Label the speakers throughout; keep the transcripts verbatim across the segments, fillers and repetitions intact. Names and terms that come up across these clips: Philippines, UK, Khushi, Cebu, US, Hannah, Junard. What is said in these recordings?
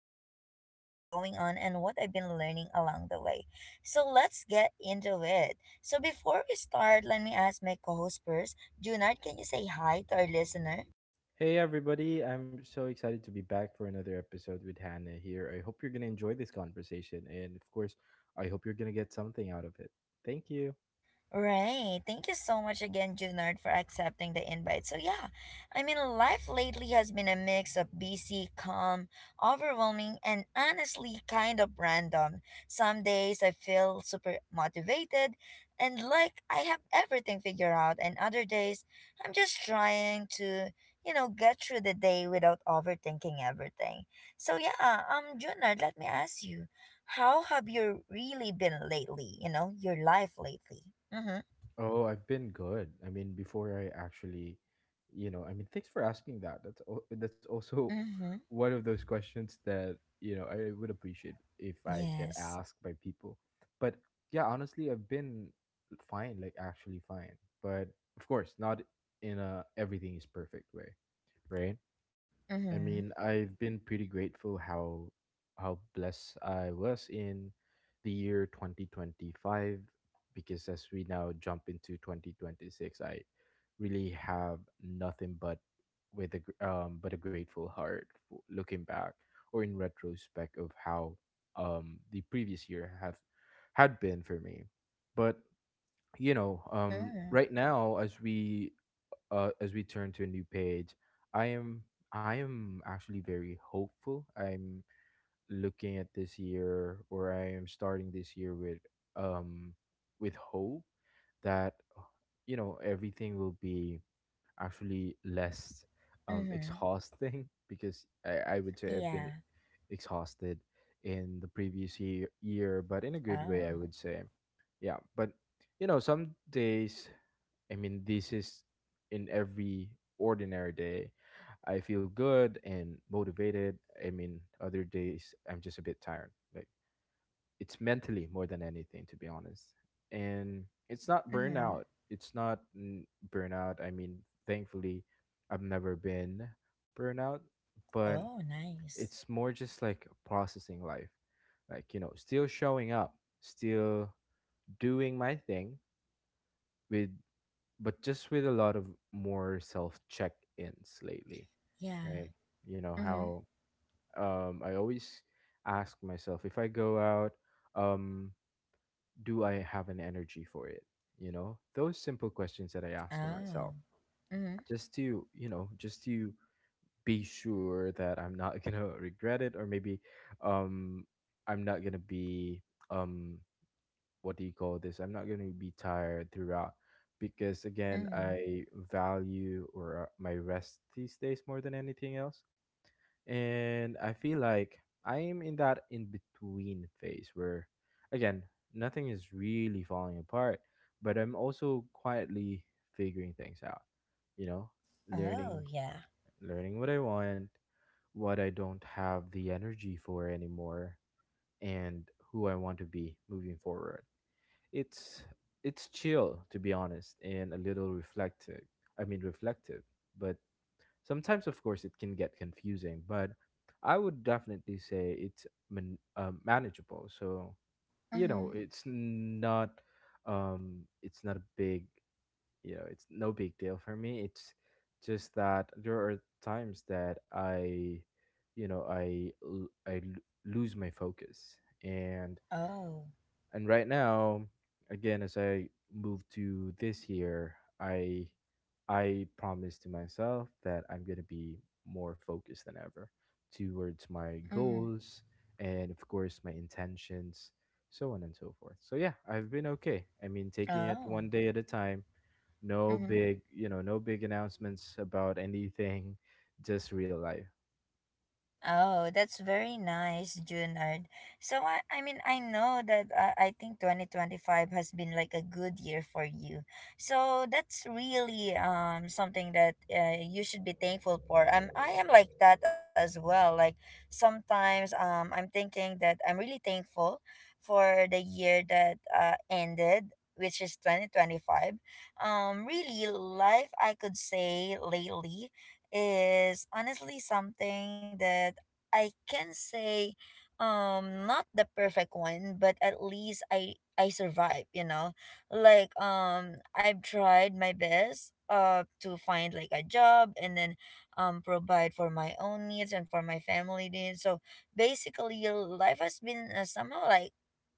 Speaker 1: about what's been going on and what I've been learning along the way. So, let's get into it. So, before we start, let me ask my co host first. Junard, can you say hi to our listener?
Speaker 2: Hey everybody, I'm so excited to be back for another episode with Hannah here. I hope you're going to enjoy this conversation and of course, I hope you're going to get something out of it. Thank you.
Speaker 1: Right. Thank you so much again, Junard, for accepting the invite. So yeah, I mean life lately has been a mix of busy, calm, overwhelming, and honestly kind of random. Some days I feel super motivated and like I have everything figured out, and other days I'm just trying to, you know, get through the day without overthinking everything. So yeah, um Junard, let me ask you, how have you really been lately, you know, your life lately? Mm-hmm.
Speaker 2: Oh, I've been good. I mean, before I actually, you know, I mean, thanks for asking that. That's al- that's also
Speaker 1: Mm-hmm.
Speaker 2: one of those questions that, you know, I would appreciate if I get
Speaker 1: Yes.
Speaker 2: asked by people. But yeah, honestly, I've been fine, like actually fine. But of course, not in a everything is perfect way, right? I mean,
Speaker 1: Mm-hmm.
Speaker 2: I've been pretty grateful how how blessed I was in the year twenty twenty-five, because as we now jump into twenty twenty-six, I really have nothing but with a gr- um but a grateful heart for looking back or in retrospect of how um the previous year have had been for me. But you know, um
Speaker 1: Mm.
Speaker 2: right now as we uh, as we turn to a new page, I am I am actually very hopeful. I'm looking at this year, or I am starting this year with um with hope that you know everything will be actually less um
Speaker 1: Mm-hmm.
Speaker 2: exhausting because I I would say I've been
Speaker 1: Yeah.
Speaker 2: exhausted in the previous year year, but in a good way, I
Speaker 1: Oh.
Speaker 2: would say. Yeah, but you know, some days I mean, this is in every ordinary day. I feel good and motivated. I mean, other days I'm just a bit tired. Like it's mentally more than anything, to be honest. And it's not
Speaker 1: Mm-hmm.
Speaker 2: burnout. It's not mm, burnout. I mean, thankfully, I've never been burnout, but
Speaker 1: Oh, nice.
Speaker 2: it's more just like processing life. Like, you know, still showing up, still doing my thing with but just with a lot of more self check ins lately.
Speaker 1: Yeah.
Speaker 2: Like, you know,
Speaker 1: Mm-hmm.
Speaker 2: how um, I always ask myself if I go out, um, do I have an energy for it? You know, those simple questions that I ask for myself
Speaker 1: Oh. Mm-hmm.
Speaker 2: just to, you know, just to be sure that I'm not going to regret it or maybe um, I'm not going to be. Um, what do you call this? I'm not going to be tired throughout because again,
Speaker 1: Mm-hmm.
Speaker 2: I value or uh, my rest these days more than anything else. And I feel like I am in that in between phase where again, nothing is really falling apart, but I'm also quietly figuring things out, you know,
Speaker 1: Oh,
Speaker 2: learning
Speaker 1: yeah.
Speaker 2: learning what I want, what I don't have the energy for anymore and who I
Speaker 1: Mm-hmm.
Speaker 2: want to be moving forward. It's it's chill to be honest and a little reflective. I mean reflective, but sometimes of course it can get confusing, but I would definitely say it's man- um, manageable. So, you know,
Speaker 1: Mm-hmm.
Speaker 2: it's not um it's not a big, you know, it's no big deal for me. It's just that
Speaker 1: Mm-hmm.
Speaker 2: there are times that I you know, I l- I l- lose my focus and
Speaker 1: Oh.
Speaker 2: and right now, again, as I move to this year, I I promise to myself that I'm gonna be more focused than ever towards my
Speaker 1: Mm-hmm.
Speaker 2: goals and of course my intentions, so on and so forth. So yeah, I've been okay. I mean, taking it
Speaker 1: Oh.
Speaker 2: one day at a time. No
Speaker 1: Mm-hmm.
Speaker 2: big, you know, no big announcements about anything, just real life.
Speaker 1: Oh, that's very nice, Junard. So I, I mean, I know that uh, I think twenty twenty-five has been like a good year for you. So that's really um something that uh, you should be thankful for. Um, I am like that as well. Like sometimes um I'm thinking that I'm really thankful for the year that uh, ended, which is twenty twenty-five. Um really life I could say lately is honestly something that I can say, um not the perfect one, but at least I I survive, you know. Like um I've tried my best uh to find like a job, and then um provide for my own needs and for my family needs. So basically life has been uh, somehow like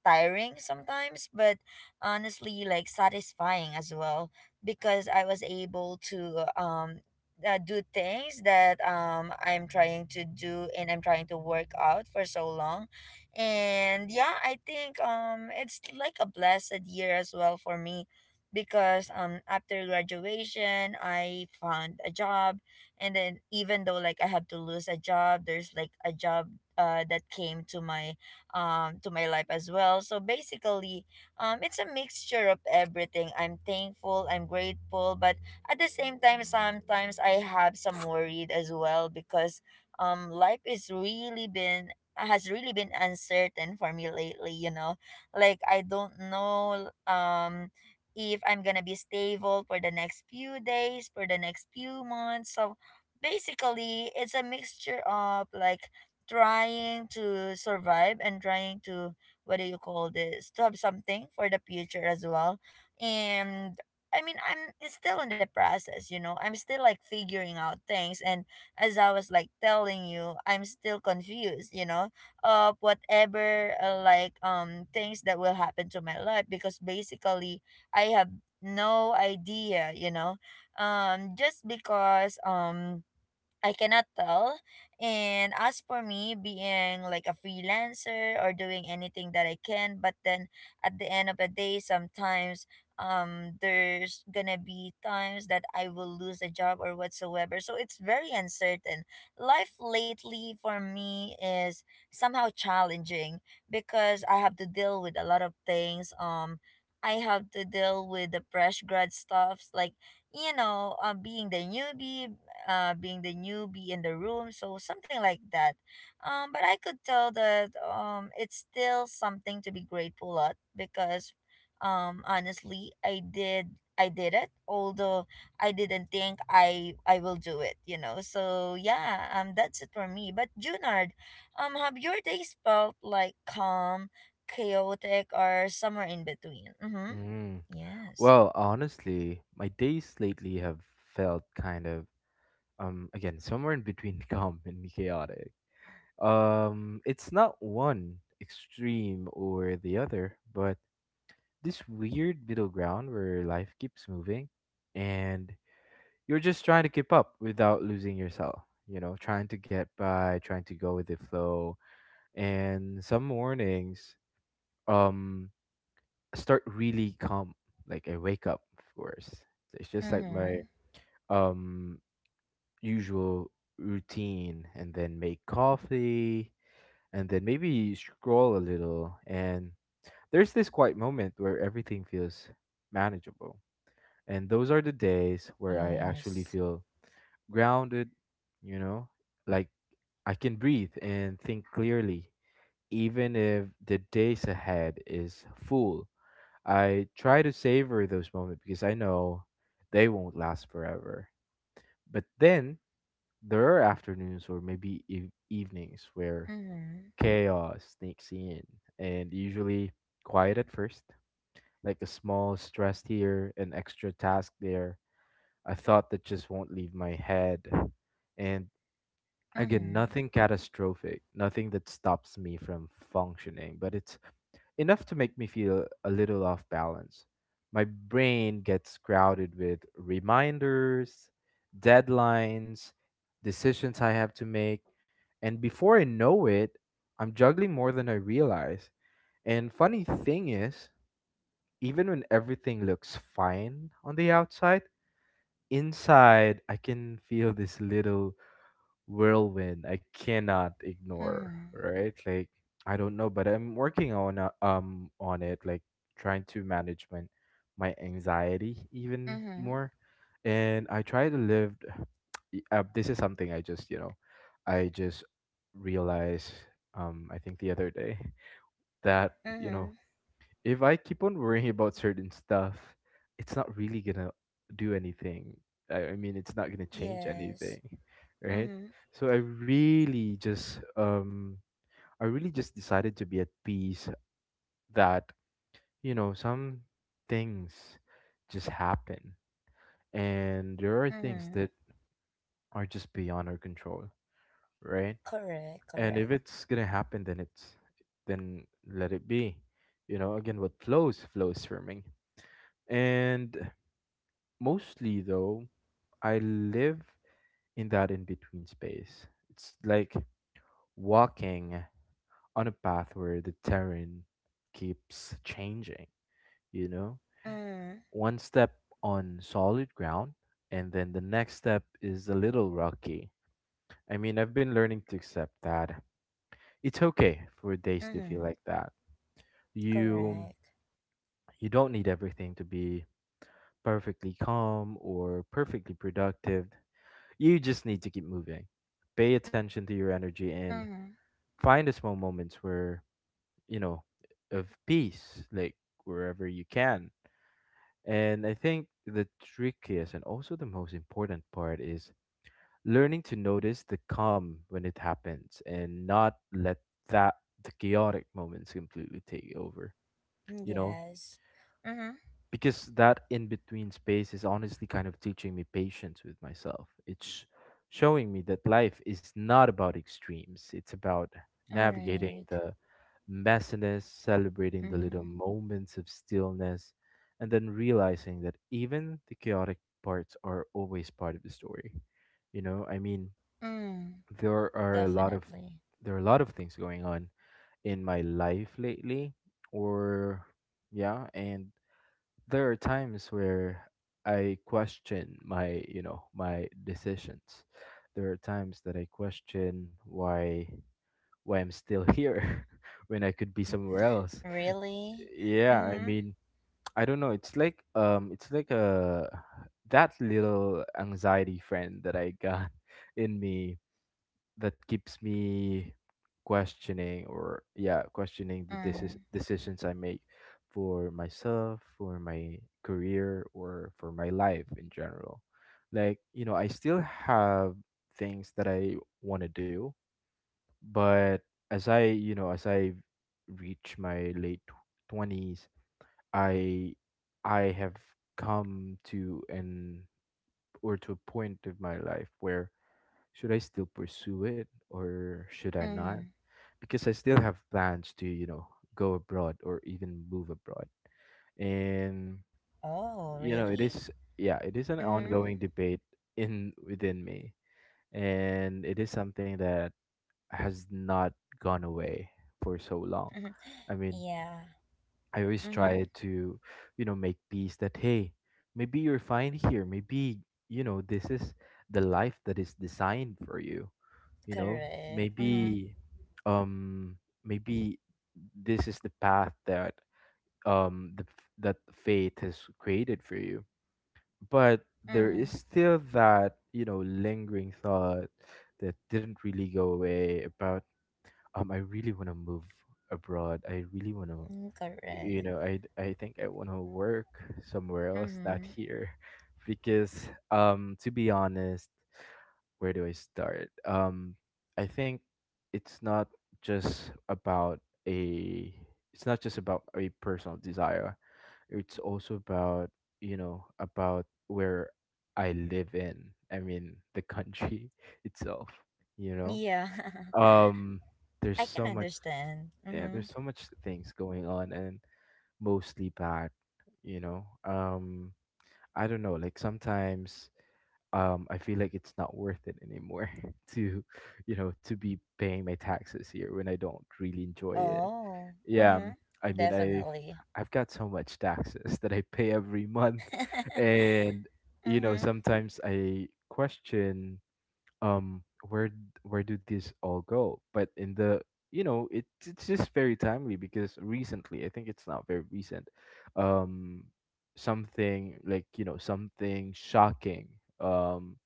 Speaker 1: tiring sometimes, but honestly like satisfying as well because I was able to um uh, do things that um I'm trying to do and I'm trying to work out for so long. And yeah, I think um it's like a blessed year as well for me because um after graduation I found a job, and then even though like I have to lose a job, there's like a job uh that came to my um to my life as well. So basically um it's a mixture of everything. I'm thankful, I'm grateful, but at the same time sometimes I have some worried as well because um life is really been has really been uncertain for me lately, you know. Like I don't know, um if I'm gonna be stable for the next few days, for the next few months. So basically it's a mixture of like trying to survive and trying to, what do you call this, to have something for the future as well. And I mean, I'm it's still in the process, you know. I'm still like figuring out things, and as I was like telling you, I'm still confused, you know, of whatever uh, like um things that will happen to my life, because basically I have no idea, you know. Um just because um I cannot tell. And as for me being like a freelancer or doing anything that I can, but then at the end of the day, sometimes um there's gonna be times that I will lose a job or whatsoever. So it's very uncertain. Life lately for me is somehow challenging because I have to deal with a lot of things. Um I have to deal with the fresh grad stuffs, like you know, um, being the newbie, uh, being the newbie in the room, so something like that. Um, but I could tell that um, it's still something to be grateful at, because, um, honestly, I did, I did it, although I didn't think I I will do it, you know. So yeah, um, that's it for me. But Junard, um, have your days felt like calm, chaotic, or somewhere in between? Mm-hmm.
Speaker 2: Mm.
Speaker 1: Yes.
Speaker 2: Well, honestly, my days lately have felt kind of um again somewhere in between calm and chaotic. Um it's not one extreme or the other, but this weird middle ground where life keeps moving, and you're just trying to keep up without losing yourself, you know, trying to get by, trying to go with the flow. And some mornings um start really calm, like I wake up, of course, it's just like my
Speaker 1: Mm-hmm.
Speaker 2: um usual routine, and then make coffee, and then maybe scroll a little. And there's this quiet moment where everything feels manageable. And those are the days where I actually
Speaker 1: Yes.
Speaker 2: feel grounded, you know, like I can breathe and think clearly, even if the days ahead is full. I try to savor those moments because I know they won't last forever. But then there are afternoons or maybe eve- evenings where
Speaker 1: Mm-hmm.
Speaker 2: chaos sneaks in, and usually quiet at first, like a small stress here, an extra task there, a thought that just won't leave my head. And again,
Speaker 1: Mm-hmm.
Speaker 2: nothing catastrophic, nothing that stops me from functioning, but it's enough to make me feel a little off balance. My brain gets crowded with reminders, deadlines, decisions I have to make, and before I know it, I'm juggling more than I realize. And funny thing is, even when everything looks fine on the outside, inside I can feel this little whirlwind I cannot ignore,
Speaker 1: Mm-hmm.
Speaker 2: right? Like I don't know, but I'm working on a, um on it, like trying to manage my my anxiety even
Speaker 1: Mm-hmm.
Speaker 2: more, and I try to live. y- Uh, this is something I just you know, I just realized um I think the other day that you know
Speaker 1: Mm-hmm.
Speaker 2: if I keep on worrying about certain stuff, it's not really gonna do anything. I, I mean, it's not gonna change
Speaker 1: Yes.
Speaker 2: anything, right?
Speaker 1: Mm-hmm.
Speaker 2: So I really just um I really just decided to be at peace that you know some things just happen, and there are things
Speaker 1: Mm-hmm.
Speaker 2: that are just beyond our control, right?
Speaker 1: Correct,
Speaker 2: And if
Speaker 1: correct.
Speaker 2: it's gonna happen, then it's then let it be. You know, again, what flows flows for me. And mostly though, I live in that in between space. It's like walking on a path where the terrain keeps changing, you know?
Speaker 1: Mm-hmm.
Speaker 2: One step on solid ground, and then the next step is a little rocky. I mean, I've been learning to accept that it's okay for days to feel
Speaker 1: Mm-hmm.
Speaker 2: like that. You
Speaker 1: Correct.
Speaker 2: you don't need everything to be perfectly calm or perfectly productive. You just need to keep moving. Pay attention to your energy and
Speaker 1: Mm-hmm.
Speaker 2: find the small moments where, you know, of peace, like wherever you can. And I think the trickiest and also the most important part is learning to notice the calm when it happens and not let that the chaotic moments completely take over. You know,
Speaker 1: Yes. Mm-hmm.
Speaker 2: because that in between space is honestly kind of teaching me patience with myself. It's showing me that life is not about extremes, it's about
Speaker 1: All
Speaker 2: navigating
Speaker 1: right.
Speaker 2: the messiness, celebrating the little
Speaker 1: Mm-hmm.
Speaker 2: moments of stillness, and then realizing that even the chaotic parts are always part of the story. You know, I mean,
Speaker 1: Mm.
Speaker 2: there are a lot of
Speaker 1: Definitely.
Speaker 2: there are a lot of things going on in my life lately or yeah, and there are times where I question my, you know, my decisions. There are times that I question why why I'm still here when I could be somewhere else.
Speaker 1: Really?
Speaker 2: Yeah, I
Speaker 1: Mm-hmm.
Speaker 2: mean, I don't know. It's like um it's like a that little anxiety friend that I got in me that keeps me questioning or yeah questioning the
Speaker 1: Mm.
Speaker 2: decis- decisions I make for myself, for my career, or for my life in general. Like you know I still have things that I want to do, but as I you know as i reach my late twenties, i I have come to an or to a point of my life where should I still pursue it or should I not?
Speaker 1: Mm-hmm.
Speaker 2: Because I still have plans to, you know, go abroad or even move abroad. And
Speaker 1: Oh,
Speaker 2: you know, it
Speaker 1: really?
Speaker 2: is yeah, it is an
Speaker 1: Mm-hmm.
Speaker 2: ongoing debate in within me. And it is something that has not gone away for so long. I mean,
Speaker 1: Yeah.
Speaker 2: I always
Speaker 1: Mm-hmm.
Speaker 2: try to, you know, make peace that hey, maybe you're fine here. Maybe you know this is the life that is designed for you. You know,
Speaker 1: Correct. Mm-hmm.
Speaker 2: maybe, um, maybe this is the path that um the f- that fate has created for you. But there
Speaker 1: Mm-hmm.
Speaker 2: is still that you know lingering thought that didn't really go away about um I really want to move abroad, I really want to
Speaker 1: Correct.
Speaker 2: you know i I think I want to work somewhere else, not
Speaker 1: Mm-hmm.
Speaker 2: here because um to be honest where do I start um I think it's not just about a it's not just about a personal desire, it's also about you know about where i live in I mean the country itself, you know,
Speaker 1: Yeah.
Speaker 2: um,
Speaker 1: I
Speaker 2: there's
Speaker 1: can
Speaker 2: so much,
Speaker 1: understand.
Speaker 2: yeah,
Speaker 1: Mm-hmm.
Speaker 2: there's so much things going on and mostly bad, you know. Um, I don't know, like sometimes um I feel like it's not worth it anymore to, you know, to be paying my taxes here when I don't really enjoy it.
Speaker 1: Oh.
Speaker 2: Yeah,
Speaker 1: Mm-hmm.
Speaker 2: um, I mean I've
Speaker 1: Definitely.
Speaker 2: I've got so much taxes that I pay every month. And you know,
Speaker 1: Mm-hmm.
Speaker 2: sometimes I question, um where d- where do these all go? But in the, you know, it, it's just very timely because recently, I think it's not very recent, um something like, you know, something shocking, um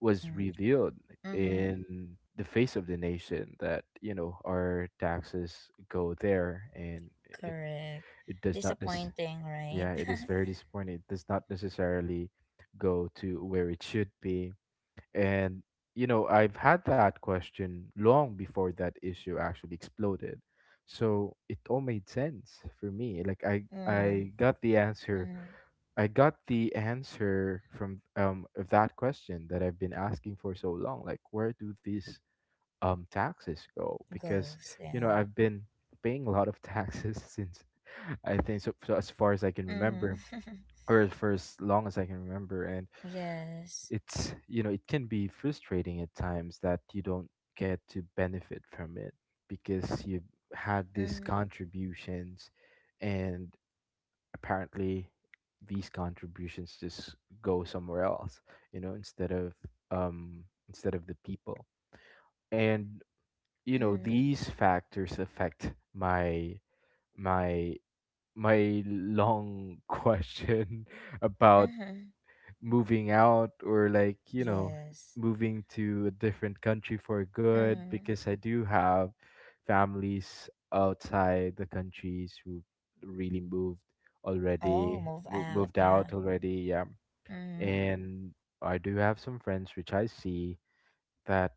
Speaker 2: was
Speaker 1: Mm,
Speaker 2: revealed
Speaker 1: mm-hmm.
Speaker 2: in the face of the nation that, you know, our taxes go there and it
Speaker 1: Correct.
Speaker 2: it does not this
Speaker 1: Disappointing, right?
Speaker 2: yeah, it is very disappointing. It does not necessarily go to where it should be. And, you know, I've had that question long before that issue actually exploded. So it all made sense for me. Like, I
Speaker 1: Mm,
Speaker 2: I got the answer.
Speaker 1: mm.
Speaker 2: I got the answer from um of that question that I've been asking for so long. Like, where do these um taxes go? Because,
Speaker 1: Ghost,
Speaker 2: you know,
Speaker 1: yeah.
Speaker 2: I've been paying a lot of taxes since, I think so, so as far as I can remember
Speaker 1: Mm-hmm.
Speaker 2: or as far as long as I can remember.
Speaker 1: Yes.
Speaker 2: It's, you know, it can be frustrating at times that you don't get to benefit from it because you've had these
Speaker 1: Mm-hmm.
Speaker 2: contributions, and apparently these contributions just go somewhere else, you know, instead of um instead of the people. And you know
Speaker 1: Mm-hmm.
Speaker 2: these factors affect my my my long question about
Speaker 1: Mm-hmm.
Speaker 2: moving out, or like, you know,
Speaker 1: Yes.
Speaker 2: moving to a different country for good,
Speaker 1: Mm.
Speaker 2: because I do have families outside the countries who really moved,
Speaker 1: Oh,
Speaker 2: already
Speaker 1: move
Speaker 2: mo-
Speaker 1: out,
Speaker 2: moved out
Speaker 1: yeah.
Speaker 2: already, yeah.
Speaker 1: Mm-hmm.
Speaker 2: And I do have some friends which I see that,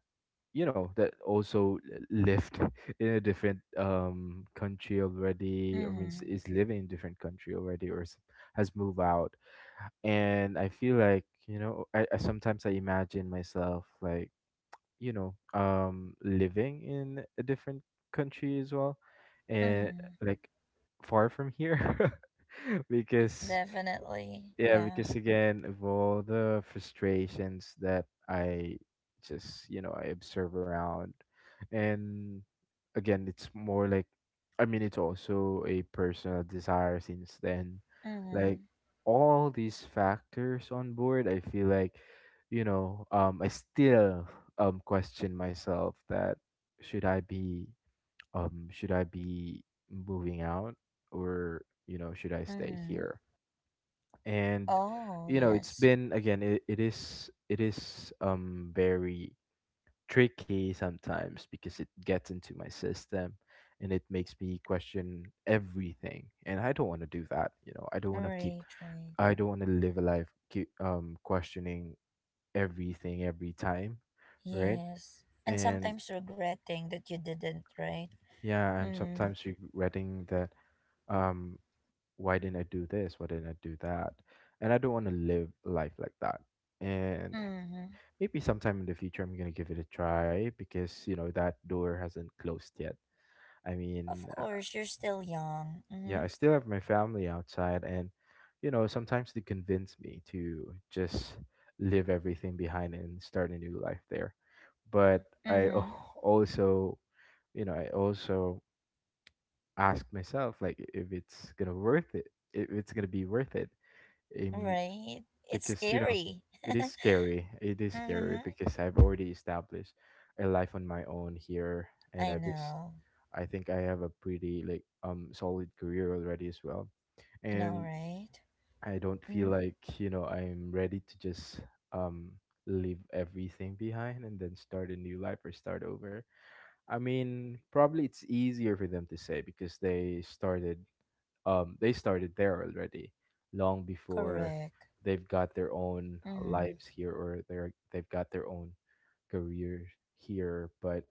Speaker 2: you know, that also lived in a different um country already. I mean,
Speaker 1: Mm-hmm.
Speaker 2: is living in different country already, or s- has moved out. And I feel like, you know, I, I sometimes I imagine myself like, you know, um living in a different country as well, and
Speaker 1: Mm-hmm.
Speaker 2: like far from here because
Speaker 1: Definitely,
Speaker 2: yeah,
Speaker 1: yeah.
Speaker 2: because again, of all the frustrations that I just, you know, I observe around, and again, it's more like, I mean, it's also a personal desire since then. Like,
Speaker 1: Mm-hmm.
Speaker 2: all these factors on board, I feel like, you know, um, I still um question myself that should I be, um, should I be moving out, or, you know, should I stay
Speaker 1: Mm-hmm.
Speaker 2: here? And
Speaker 1: Oh,
Speaker 2: you know it's
Speaker 1: yes.
Speaker 2: been again, it, it is it is um very tricky sometimes because it gets into my system, and it makes me question everything. And I don't want to do that, you know. I don't want to keep,
Speaker 1: Right, right.
Speaker 2: I don't want to live a life keep um questioning everything every time. Right.
Speaker 1: Yes. And
Speaker 2: And
Speaker 1: sometimes regretting that you didn't, right?
Speaker 2: yeah, I'm
Speaker 1: Mm.
Speaker 2: sometimes regretting that, um why didn't I do this, why didn't I do that. And I don't want to live life like that. And
Speaker 1: Mm-hmm.
Speaker 2: maybe sometime in the future I'm gonna give it a try, because you know that door hasn't closed yet. I mean,
Speaker 1: Of
Speaker 2: uh,
Speaker 1: course, you're still young.
Speaker 2: yeah, I
Speaker 1: Mm-hmm.
Speaker 2: still have my family outside, and you know sometimes they convince me to just leave everything behind and start a new life there. But I
Speaker 1: Mm-hmm.
Speaker 2: al- also, you know, I also ask myself like if it's gonna worth it, if it's gonna be worth it. Um,
Speaker 1: Right. It's
Speaker 2: because you know
Speaker 1: scary.
Speaker 2: it is scary, it is scary,
Speaker 1: Mm-hmm.
Speaker 2: because I've already established a life on my own here, and
Speaker 1: I
Speaker 2: i've is,
Speaker 1: know.
Speaker 2: I think I have a pretty like um solid career already as well.
Speaker 1: I know,
Speaker 2: And
Speaker 1: right?
Speaker 2: I don't feel
Speaker 1: Mm-hmm.
Speaker 2: like, you know, I'm ready to just um leave everything behind and then start a new life or start over. I mean, probably it's easier for them to say because they started, um they started there already long before.
Speaker 1: Correct.
Speaker 2: They've got their own
Speaker 1: Mm.
Speaker 2: lives here, or they're, they've got their own career here. But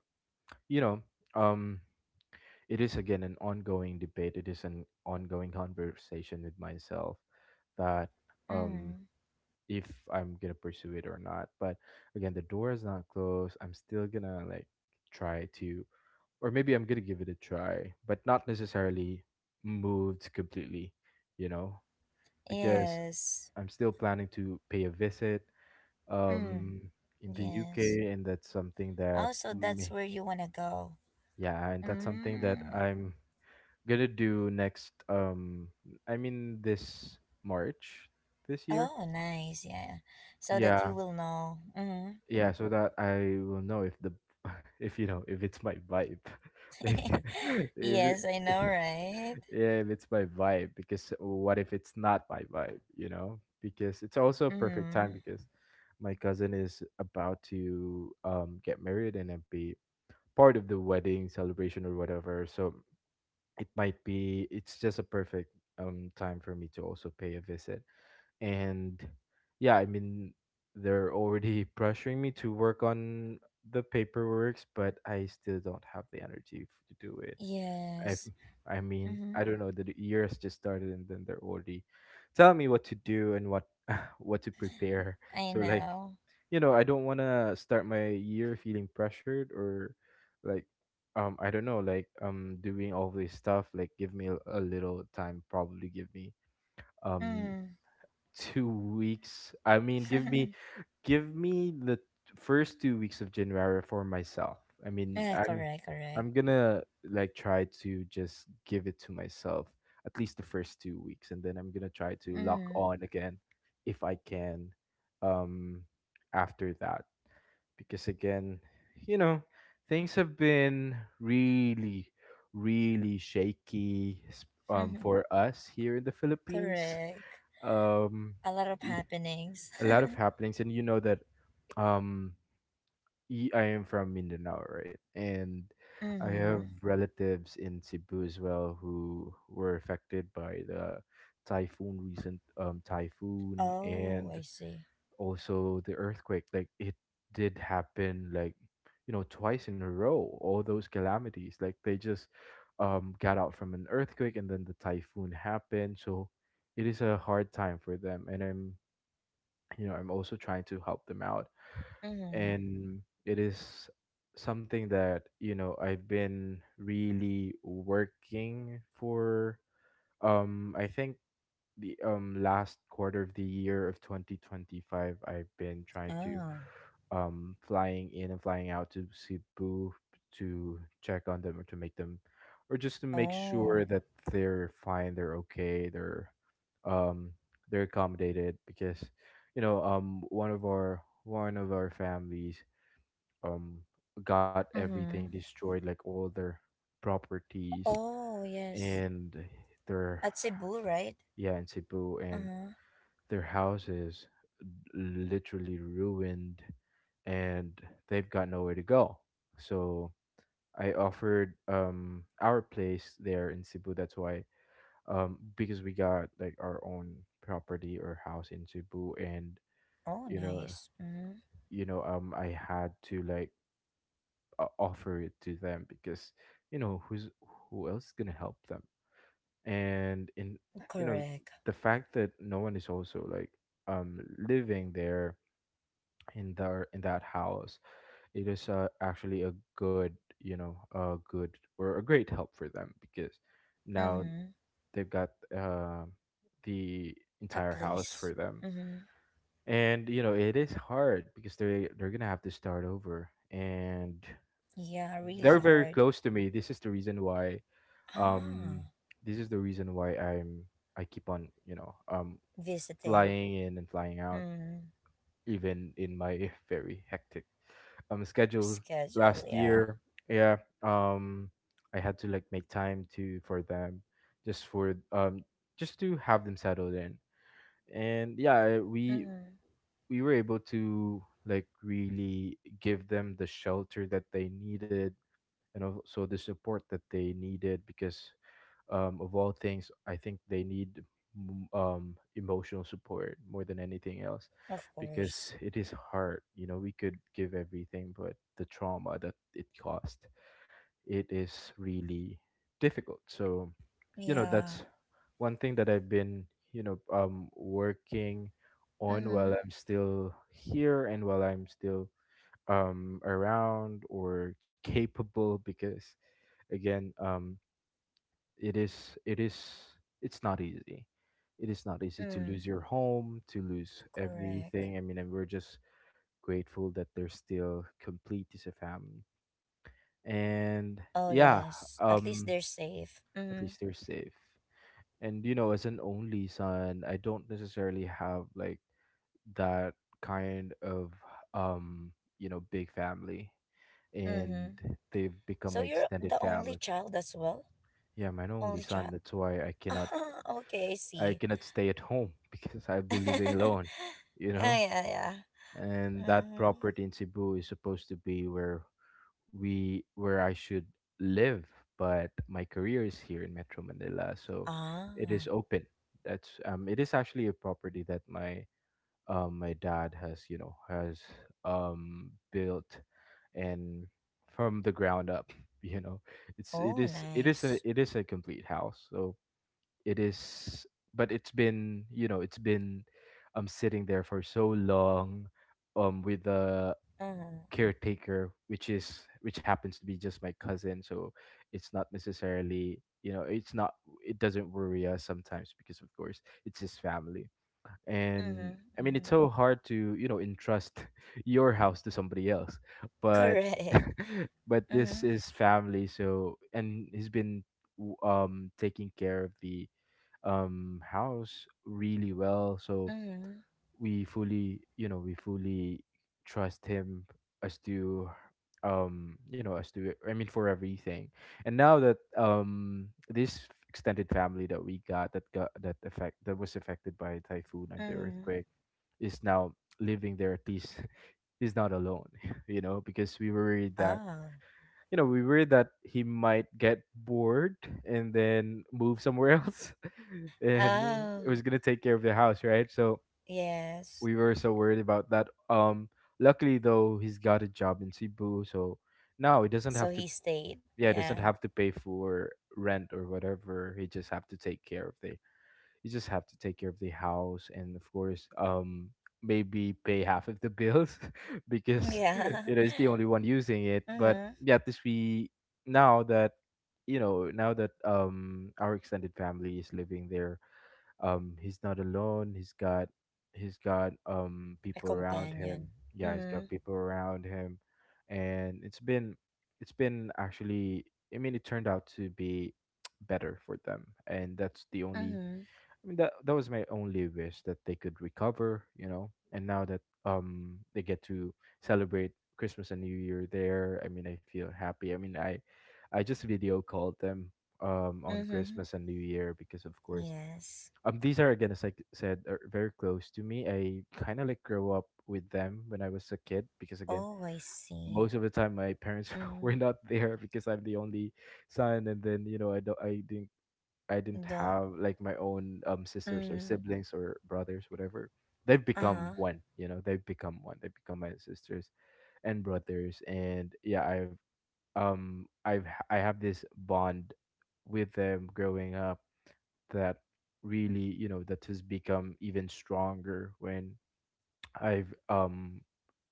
Speaker 2: you know, um it is again an ongoing debate, it is an ongoing conversation with myself that, um
Speaker 1: Mm.
Speaker 2: if I'm gonna pursue it or not. But again, the door is not closed. I'm still gonna like try to, or maybe I'm gonna give it a try, but not necessarily moved completely, you know, because
Speaker 1: Yes.
Speaker 2: I'm still planning to pay a visit um
Speaker 1: Mm.
Speaker 2: in the
Speaker 1: Yes.
Speaker 2: U K, and that's something that
Speaker 1: Also,
Speaker 2: me —
Speaker 1: that's where you wanna go.
Speaker 2: yeah, and that's something that
Speaker 1: Mm.
Speaker 2: I'm gonna do next, um I mean this March, this year.
Speaker 1: Oh, nice. Yeah. So that
Speaker 2: Yeah.
Speaker 1: you will know. Mm-hmm.
Speaker 2: Yeah, so that I will know if the if you know if it's my vibe. Like if it-
Speaker 1: Yes, I know, right?
Speaker 2: yeah, if it's my vibe, because what if it's not my vibe, you know? Because it's also a perfect time
Speaker 1: Mm.
Speaker 2: because my cousin is about to um get married and then be part of the wedding celebration or whatever. So it might be, it's just a perfect um time for me to also pay a visit. And yeah, I mean, they're already pressuring me to work on the paperworks, but I still don't have the energy f- to do it. i've
Speaker 1: Yes.
Speaker 2: I mean, I don't know, the d- year has just started, and then they're already telling me what to do and what
Speaker 1: Mm-hmm.
Speaker 2: what to prepare. So
Speaker 1: I
Speaker 2: like,
Speaker 1: know.
Speaker 2: you know, I don't want to start my year feeling pressured, or like, um I don't know, like, um doing all this stuff. Like, give me a, a little time. Probably give me um
Speaker 1: Mm.
Speaker 2: two weeks. I mean,
Speaker 1: Ah,
Speaker 2: give me, give me the first two weeks of January for myself. I mean, I'm,
Speaker 1: correct, correct.
Speaker 2: I'm gonna like try to just give it to myself at least the first two weeks, and then I'm gonna try to lock
Speaker 1: Mm.
Speaker 2: on again if I can, um, after that. Because again, you know, things have been really, really shaky s- um, for us here in the Philippines.
Speaker 1: Correct.
Speaker 2: um
Speaker 1: A lot of
Speaker 2: y-
Speaker 1: happenings.
Speaker 2: a lot of happenings. And you know that, um y- I am from Mindanao, right? And I have — oh,
Speaker 1: Mm.
Speaker 2: relatives in Cebu as well who were affected by the typhoon, recent um typhoon,
Speaker 1: Oh,
Speaker 2: and
Speaker 1: I see.
Speaker 2: also the earthquake. Like, it did happen, like, you know, twice in a row, all those calamities. Like, they just um got out from an earthquake, and then the typhoon happened. So it is a hard time for them, and I'm, you know, I'm also trying to help them out.
Speaker 1: Mm.
Speaker 2: And it is something that, you know, I've been really working for. um I think the um last quarter of the year of twenty twenty-five, I've been trying to
Speaker 1: Oh.
Speaker 2: um flying in and flying out to Cebu to check on them, or to make them, or just to make sure
Speaker 1: Oh.
Speaker 2: that they're fine, they're okay, they're um they're accommodated. Because, you know, um one of our one of our families um got everything
Speaker 1: Mm.
Speaker 2: destroyed, like all their properties
Speaker 1: Oh, yes.
Speaker 2: and their —
Speaker 1: At Cebu, right?
Speaker 2: yeah, in Cebu, and
Speaker 1: Uh-huh.
Speaker 2: their houses literally ruined, and they've got nowhere to go. So I offered um our place there in Cebu. That's why, um because we got like our own property or house in Cebu. And
Speaker 1: Oh,
Speaker 2: you know
Speaker 1: nice. Mm.
Speaker 2: you know, um I had to like, uh, offer it to them, because, you know, who's, who else is gonna help them? And in, you know,
Speaker 1: Correct.
Speaker 2: the fact that no one is also like um living there in their, in that house, it is, uh, actually a good, you know, a good or a great help for them, because now
Speaker 1: Mm.
Speaker 2: they've got um the
Speaker 1: A
Speaker 2: entire house for
Speaker 1: place.
Speaker 2: them.
Speaker 1: Mm-hmm.
Speaker 2: And you know it is hard because they they're gonna have to start over, and
Speaker 1: Yeah, really
Speaker 2: they're very
Speaker 1: hard.
Speaker 2: close to me. This is the reason why, um
Speaker 1: Ah,
Speaker 2: this is the reason why I'm, I keep on, you know, um
Speaker 1: visiting.
Speaker 2: flying in and flying out,
Speaker 1: Mm,
Speaker 2: even in my very hectic um schedule
Speaker 1: schedule,
Speaker 2: last
Speaker 1: yeah.
Speaker 2: year. Yeah. um I had to like make time to for them, just for um just to have them settled in. And yeah, I- we
Speaker 1: Mm,
Speaker 2: we were able to like really give them the shelter that they needed, and also the support that they needed, because, um, of all things I think they need, m- um, emotional support more than anything else.
Speaker 1: of
Speaker 2: Because
Speaker 1: course.
Speaker 2: it is hard, you know, we could give everything, but the trauma that it caused, it is really difficult. So you know
Speaker 1: Yeah.
Speaker 2: that's one thing that I've been, you know, um working on, while
Speaker 1: Mm-hmm.
Speaker 2: I'm still here, and while I'm still um around or capable. Because again, um it is it is, it's not easy. It is not easy to lose
Speaker 1: Mm,
Speaker 2: your home, to lose
Speaker 1: correct.
Speaker 2: everything. I mean, and we're just grateful that they're still complete as a family. And
Speaker 1: Oh,
Speaker 2: yeah,
Speaker 1: yes. At least
Speaker 2: um
Speaker 1: they're safe.
Speaker 2: at
Speaker 1: Mm-hmm.
Speaker 2: least they're safe. And you know, as an only son, I don't necessarily have like that kind of um you know, big family. And
Speaker 1: Mm-hmm.
Speaker 2: they've become my
Speaker 1: So you're
Speaker 2: extended
Speaker 1: the
Speaker 2: family.
Speaker 1: only child as well?
Speaker 2: Yeah, I'm an only
Speaker 1: Only
Speaker 2: son.
Speaker 1: child?
Speaker 2: That's why I cannot,
Speaker 1: Ah, okay, I
Speaker 2: I
Speaker 1: see.
Speaker 2: cannot stay at home because I'll be living alone,
Speaker 1: Yeah,
Speaker 2: you know.
Speaker 1: yeah, yeah.
Speaker 2: And that
Speaker 1: Mm-hmm.
Speaker 2: property in Cebu is supposed to be where we — where I should live, but my career is here in Metro Manila, so it is
Speaker 1: Ah.
Speaker 2: open. That's um, it is actually a property that my um my dad has you know has um built, and from the ground up, you know, it's it
Speaker 1: Oh,
Speaker 2: is it is a
Speaker 1: nice.
Speaker 2: it is a complete house, so it is, but it's been you know it's been um sitting there for so long um with the
Speaker 1: Mm-hmm.
Speaker 2: caretaker which is which happens to be just my cousin, so it's not necessarily you know it's not, it doesn't worry us sometimes because of course it's his family. And
Speaker 1: Mm-hmm.
Speaker 2: I mean,
Speaker 1: Mm-hmm.
Speaker 2: it's so hard to you know entrust your house to somebody else, but
Speaker 1: Correct.
Speaker 2: but this
Speaker 1: Mm-hmm.
Speaker 2: is family. So, and he's been w- um taking care of the um house really well, so
Speaker 1: Mm-hmm.
Speaker 2: we fully you know we fully trust him as to um you know as to I mean, for everything. And now that um this extended family that we got that got that effect that was affected by typhoon and the
Speaker 1: Mm-hmm.
Speaker 2: earthquake is now living there, at least, he's not alone. You know, because we were worried that
Speaker 1: Oh.
Speaker 2: you know we worried that he might get bored and then move somewhere else, and it
Speaker 1: Oh.
Speaker 2: was gonna take care of the house, right? So
Speaker 1: Yes.
Speaker 2: we were so worried about that. Um, luckily though, he's got a job in Cebu, so now he doesn't
Speaker 1: So
Speaker 2: have to.
Speaker 1: he stayed.
Speaker 2: Yeah, he
Speaker 1: Yeah.
Speaker 2: doesn't have to pay for rent or whatever. He just have to take care of the. You just have to take care of the house, and of course, um, maybe pay half of the bills because
Speaker 1: Yeah.
Speaker 2: you know it's the only one using it. But
Speaker 1: Mm-hmm.
Speaker 2: yeah, at least we now that you know now that um our extended family is living there, um, he's not alone. He's got, he's got um
Speaker 1: A
Speaker 2: people around him.
Speaker 1: companion.
Speaker 2: Yeah, he's
Speaker 1: Mm-hmm.
Speaker 2: got people around him, and it's been, it's been actually. I mean, it turned out to be better for them, and that's the only.
Speaker 1: Mm-hmm.
Speaker 2: I mean, that that was my only wish that they could recover. You know, and now that um they get to celebrate Christmas and New Year there, I mean, I feel happy. I mean, I I just video called them um on
Speaker 1: Mm-hmm.
Speaker 2: Christmas and New Year because of course,
Speaker 1: Yes.
Speaker 2: um, these are again, as I c- said, are very close to me. I kind of like grew up with them when I was a kid, because again,
Speaker 1: Oh, I see.
Speaker 2: most of the time my parents were
Speaker 1: Mm-hmm.
Speaker 2: not there because I'm the only son. And then you know I don't, I didn't, I didn't
Speaker 1: Don't.
Speaker 2: have like my own um sisters or
Speaker 1: Mm.
Speaker 2: siblings or brothers, whatever. They've become
Speaker 1: Uh-huh.
Speaker 2: one, you know. They've become one. They've become my sisters and brothers, and yeah, I've um I've h- i have um i have I have this bond with them growing up that really, you know, that has become even stronger when I've um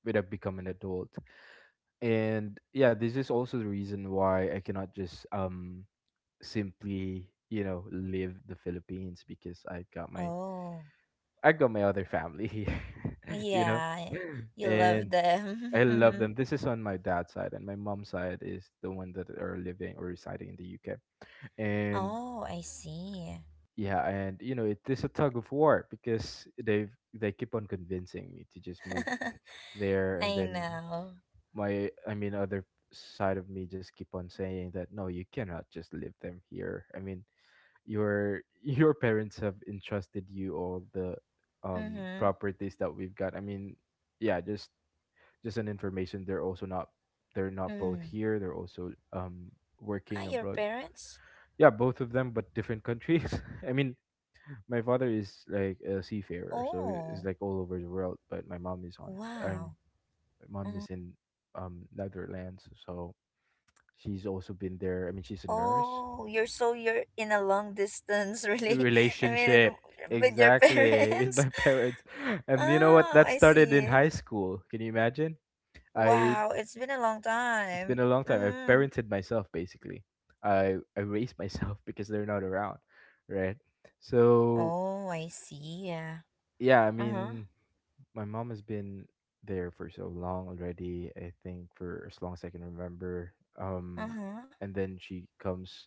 Speaker 2: when I've become an adult. And yeah, this is also the reason why I cannot just um simply you know leave the Philippines, because I got my
Speaker 1: Oh.
Speaker 2: I got my other family here, you know,
Speaker 1: Yeah. You love
Speaker 2: and
Speaker 1: them.
Speaker 2: I love
Speaker 1: Mhm.
Speaker 2: them. This is on my dad's side, and my mom's side is the one that are living or residing in the U K. And
Speaker 1: Oh, I see.
Speaker 2: yeah, and you know, it is a tug of war because they they keep on convincing me to just move there, and
Speaker 1: I
Speaker 2: then
Speaker 1: know.
Speaker 2: my I mean, other side of me just keep on saying that no, you cannot just leave them here. I mean, your your parents have entrusted you all the um
Speaker 1: Mm-hmm.
Speaker 2: properties that we've got. I mean, yeah, just just an information. They're also not, they're not both here. They're also um
Speaker 1: Ah,
Speaker 2: working
Speaker 1: your
Speaker 2: abroad.
Speaker 1: parents?
Speaker 2: Yeah, both of them, but different countries. I mean, my father is like a seafarer, so I- is
Speaker 1: Oh,
Speaker 2: like all over the world. But my mom is on. I'm,
Speaker 1: wow.
Speaker 2: my mom
Speaker 1: Mm.
Speaker 2: is in um Netherlands, so she's also been there. I mean, she's a nurse.
Speaker 1: Oh, you're so you're in a long distance, really? I mean,
Speaker 2: Relationship
Speaker 1: with your
Speaker 2: exactly with
Speaker 1: parents?
Speaker 2: my parents, and you know what?
Speaker 1: Oh,
Speaker 2: That
Speaker 1: I
Speaker 2: started in
Speaker 1: see.
Speaker 2: high school. Can you imagine? I
Speaker 1: Wow, it's been a long
Speaker 2: It's been
Speaker 1: time.
Speaker 2: a long time. I
Speaker 1: Mm.
Speaker 2: parented myself basically. I I raised myself because they're not around, right? So
Speaker 1: Oh, I see. Yeah.
Speaker 2: yeah, I
Speaker 1: Uh huh.
Speaker 2: mean, my mom has been there for so long already. I think for as long as I can remember.
Speaker 1: Uh
Speaker 2: Um,
Speaker 1: huh.
Speaker 2: and then she comes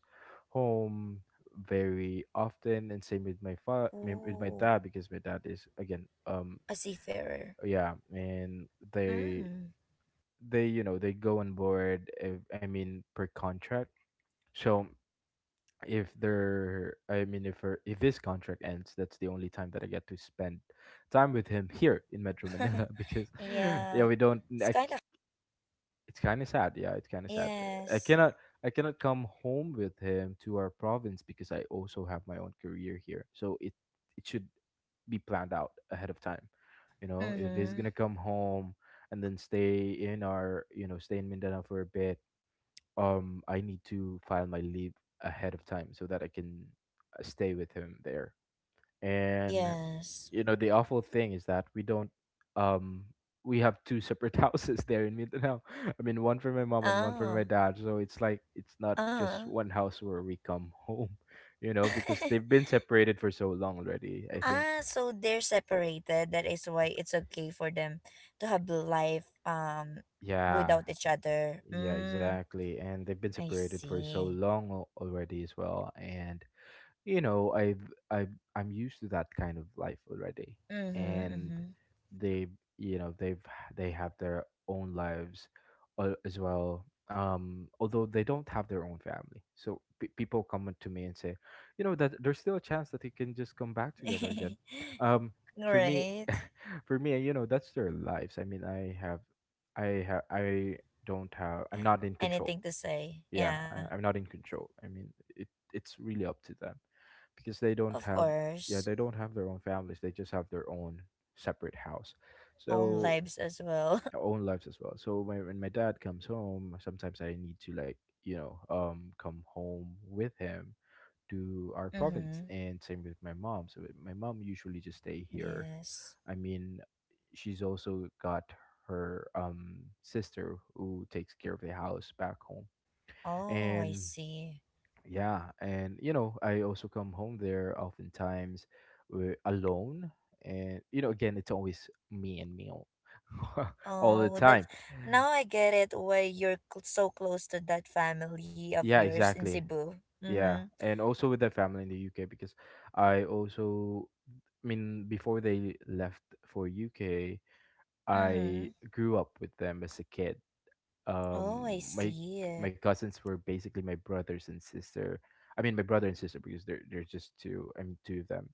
Speaker 2: home very often, and same with my fa- my- with my
Speaker 1: Oh,
Speaker 2: dad, because my dad is again um
Speaker 1: a seafarer.
Speaker 2: yeah, and they
Speaker 1: Mm.
Speaker 2: they you know they go on board. Uh, I mean per contract. So if there I mean if her, if this contract ends, that's the only time that I get to spend time with him here in Metro Manila because yeah,
Speaker 1: Yeah.
Speaker 2: we don't
Speaker 1: It's
Speaker 2: I
Speaker 1: kind
Speaker 2: c
Speaker 1: of.
Speaker 2: it's kind of sad. Yeah, it's kind of sad. i
Speaker 1: Yes.
Speaker 2: cannot I cannot come home with him to our province because I also have my own career here, so it it should be planned out ahead of time, you know,
Speaker 1: Mm
Speaker 2: if he's gonna
Speaker 1: hmm.
Speaker 2: come home and then stay in our you know stay in Mindanao for a bit. Um, I need to file my leave ahead of time so that I can, uh, stay with him there. And
Speaker 1: Yes.
Speaker 2: you know, the awful thing is that we don't um we have two separate houses there in Mindanao. I mean, one for my mom and one for my
Speaker 1: Ah.
Speaker 2: dad. So it's like it's not just
Speaker 1: Ah.
Speaker 2: one house where we come home, you know, because they've been separated for so long already, I think.
Speaker 1: Ah, so they're separated. That is why it's okay for them to have life um
Speaker 2: Yeah.
Speaker 1: without each other.
Speaker 2: Yeah,
Speaker 1: Mm,
Speaker 2: exactly. And they've been
Speaker 1: I
Speaker 2: separated for so
Speaker 1: see.
Speaker 2: long al- already as well. And you know i've i've I'm used to that kind of life already,
Speaker 1: Mhm.
Speaker 2: and
Speaker 1: Mhm.
Speaker 2: they, you know they've they have their own lives a- as well. Um, although they don't have their own family, so pe people come up to me and say, you know, that there's still a chance that they can just come back together again. Um, for me,
Speaker 1: Right.
Speaker 2: for me, you know, that's their lives. I mean, I have I have I don't have, I'm
Speaker 1: Uh,
Speaker 2: not in control.
Speaker 1: anything to say?
Speaker 2: Yeah,
Speaker 1: Yeah.
Speaker 2: I, I'm not in control. I mean, it, it's really up to them because they don't
Speaker 1: Of
Speaker 2: have, yeah,
Speaker 1: course.
Speaker 2: they don't have their own families. They just have their own separate house,
Speaker 1: Own
Speaker 2: so
Speaker 1: lives as well.
Speaker 2: their own lives as well. So when, when my dad comes home, sometimes I need to like, you know, um come home with him to our province,
Speaker 1: Mhm.
Speaker 2: and same with my mom. So my mom usually just stay here.
Speaker 1: Yes.
Speaker 2: I mean, she's also got her um sister who takes care of the house back home.
Speaker 1: Oh, I
Speaker 2: And
Speaker 1: see.
Speaker 2: yeah, and you know, I also come home there oftentimes, uh, alone, and you know, again, it's always me and me all, all the
Speaker 1: Oh, that's
Speaker 2: time.
Speaker 1: now I get it why you're cl- so close to that family of
Speaker 2: Yeah,
Speaker 1: yours in
Speaker 2: exactly.
Speaker 1: Cebu.
Speaker 2: Yeah,
Speaker 1: Mhm.
Speaker 2: and also with the family in the U K, because I also, I mean, before they left for U K, I
Speaker 1: Mm-hmm.
Speaker 2: grew up with them as a kid. Um,
Speaker 1: Oh, I
Speaker 2: my my
Speaker 1: see.
Speaker 2: cousins were basically my brothers and sister. I mean, my brother and sister, because they're they're just two. I mean, two of them.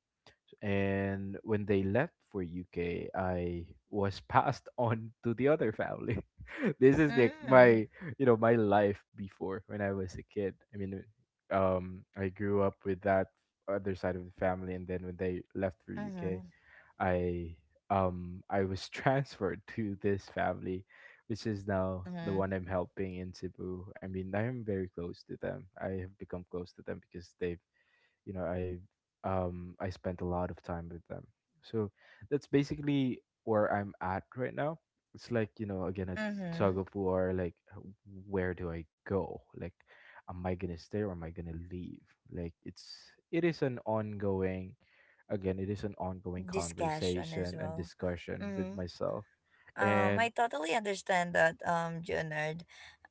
Speaker 2: And when they left for U K, I was passed on to the other family. This is like
Speaker 1: Mm-hmm.
Speaker 2: my, you know, my life before when I was a kid. I mean, um, I grew up with that other side of the family, and then when they left for U K,
Speaker 1: Mm-hmm.
Speaker 2: I, um, I was transferred to this family, which is now the one
Speaker 1: Mm-hmm.
Speaker 2: I'm helping in Cebu. I mean, I am very close to them. I have become close to them because they've you know I um I spent a lot of time with them. So that's basically where I'm at right now. It's like, you know, again, a
Speaker 1: Mm-hmm.
Speaker 2: tug of war like h- where do I go, like am I gonna stay or am I gonna leave. Like it's, it is an ongoing, again it is an ongoing
Speaker 1: Discussion as
Speaker 2: conversation and
Speaker 1: well.
Speaker 2: discussion with
Speaker 1: Hmm.
Speaker 2: myself.
Speaker 1: Um,
Speaker 2: And
Speaker 1: I totally understand that, um, Junard.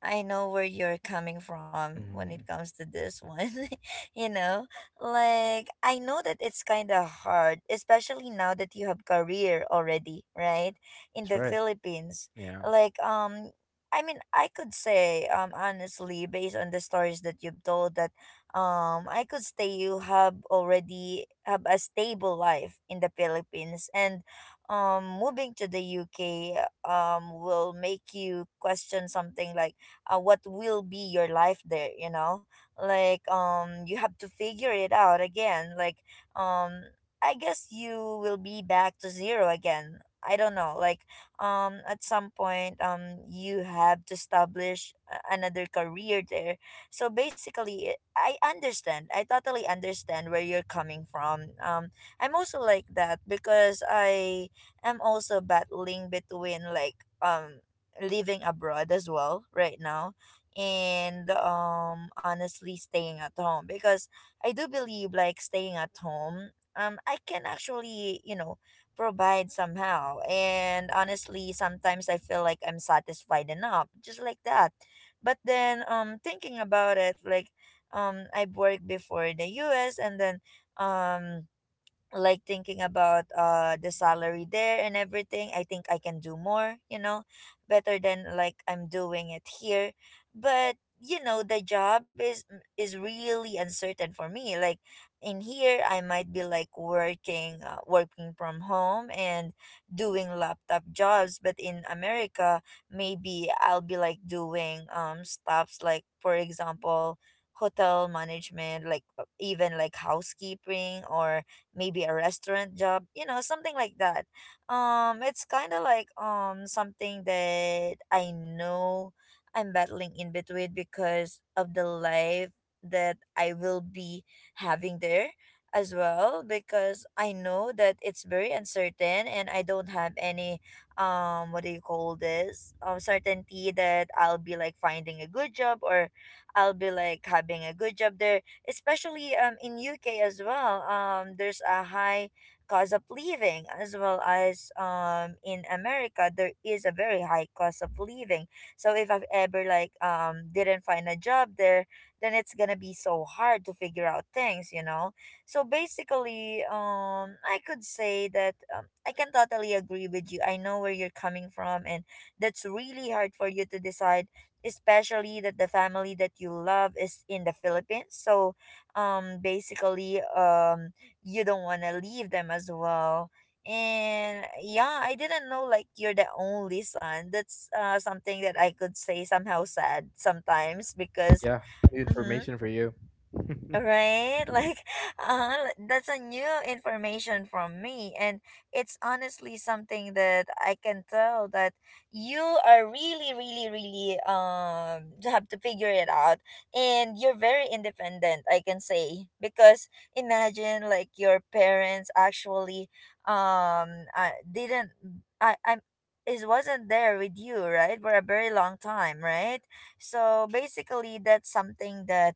Speaker 1: I know where you're coming from when it
Speaker 2: mm,
Speaker 1: comes to this one. You know, like I know that it's kind of hard, especially now that you have career already, right? In
Speaker 2: that's
Speaker 1: the
Speaker 2: right.
Speaker 1: Philippines,
Speaker 2: Yeah.
Speaker 1: like um, I mean, I could say um honestly, based on the stories that you've told, that um, I could say you have already have a stable life in the Philippines, and um moving to the U K um will make you question something like uh, what will be your life there, you know. Like um you have to figure it out again, like um I guess you will be back to zero again. I don't know, like um at some point um you have to establish a- another career there. So basically I understand, I totally understand where you're coming from. um I'm also like that because I I'm also battling between like um living abroad as well right now, and um honestly staying at home, because I do believe like staying at home um I can actually, you know, provide somehow. And honestly, sometimes I feel like I'm satisfied enough just like that. But then um thinking about it, like um I've worked before in the U S, and then um like thinking about uh the salary there and everything, I think I can do more, you know, better than like I'm doing it here. But you know the job is is really uncertain for me. Like in here I might be like working uh, working from home and doing laptop jobs, but in America maybe I'll be like doing um stuffs like for example hotel management, like uh, even like housekeeping or maybe a restaurant job, you know, something like that. Um, it's kind of like um something that I know I'm battling in between because of the life that I will be having there as well, because I know that it's very uncertain and I don't have any um what do you call this um certainty that I'll be like finding a good job or I'll be like having a good job there, especially um in U K as well. Um, there's a high cost of living, as well as um in America, there is a very high cost of living. So if I've ever like um didn't find a job there, then it's gonna be so hard to figure out things, you know. So basically, um, I could say that um, I can totally agree with you. I know where you're coming from, and that's really hard for you to decide, especially that the family that you love is in the Philippines. So um basically um you don't want to leave them as well. And yeah, I didn't know like you're the only son. That's uh something that I could say somehow sad sometimes because
Speaker 2: Yeah, new
Speaker 1: mhm.
Speaker 2: information for you.
Speaker 1: Right, like uh, that's a new information from me. And it's honestly something that I can tell that you are really really really um you have to figure it out. And you're very independent, I can say, because imagine like your parents actually um uh, didn't I I'm it wasn't there with you, right, for a very long time, right? So basically that's something that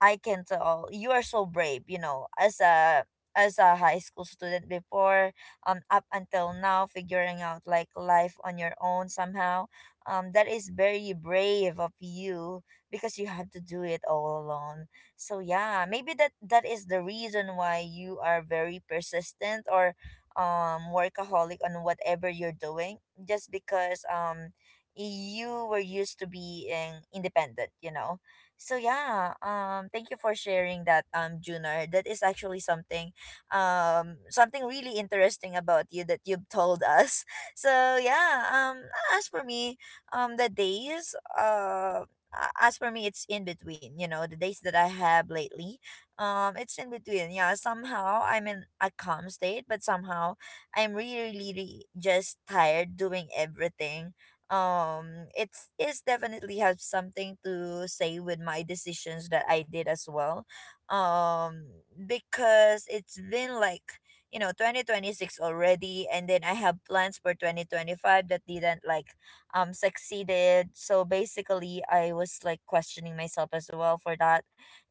Speaker 1: I can tell. You are so brave, you know, as a as a high school student before, um up until now figuring out like life on your own somehow. Um that is very brave of you because you had to do it all alone. So yeah, maybe that that is the reason why you are very persistent or um workaholic on whatever you're doing just because um you were used to being independent, you know. So yeah, um thank you for sharing that um Junar. That is actually something, um something really interesting about you that you've told us. So yeah, um as for me, um the days uh a- as for me, it's in between, you know, the days that I have lately. Um it's in between. Yeah, somehow I'm in a calm state, but somehow I'm really really, really just tired doing everything. Um it's it's definitely has something to say with my decisions that I did as well, um because it's been like, you know, twenty twenty-six already, and then I have plans for twenty twenty-five that didn't like um succeeded. So basically I was like questioning myself as well for that.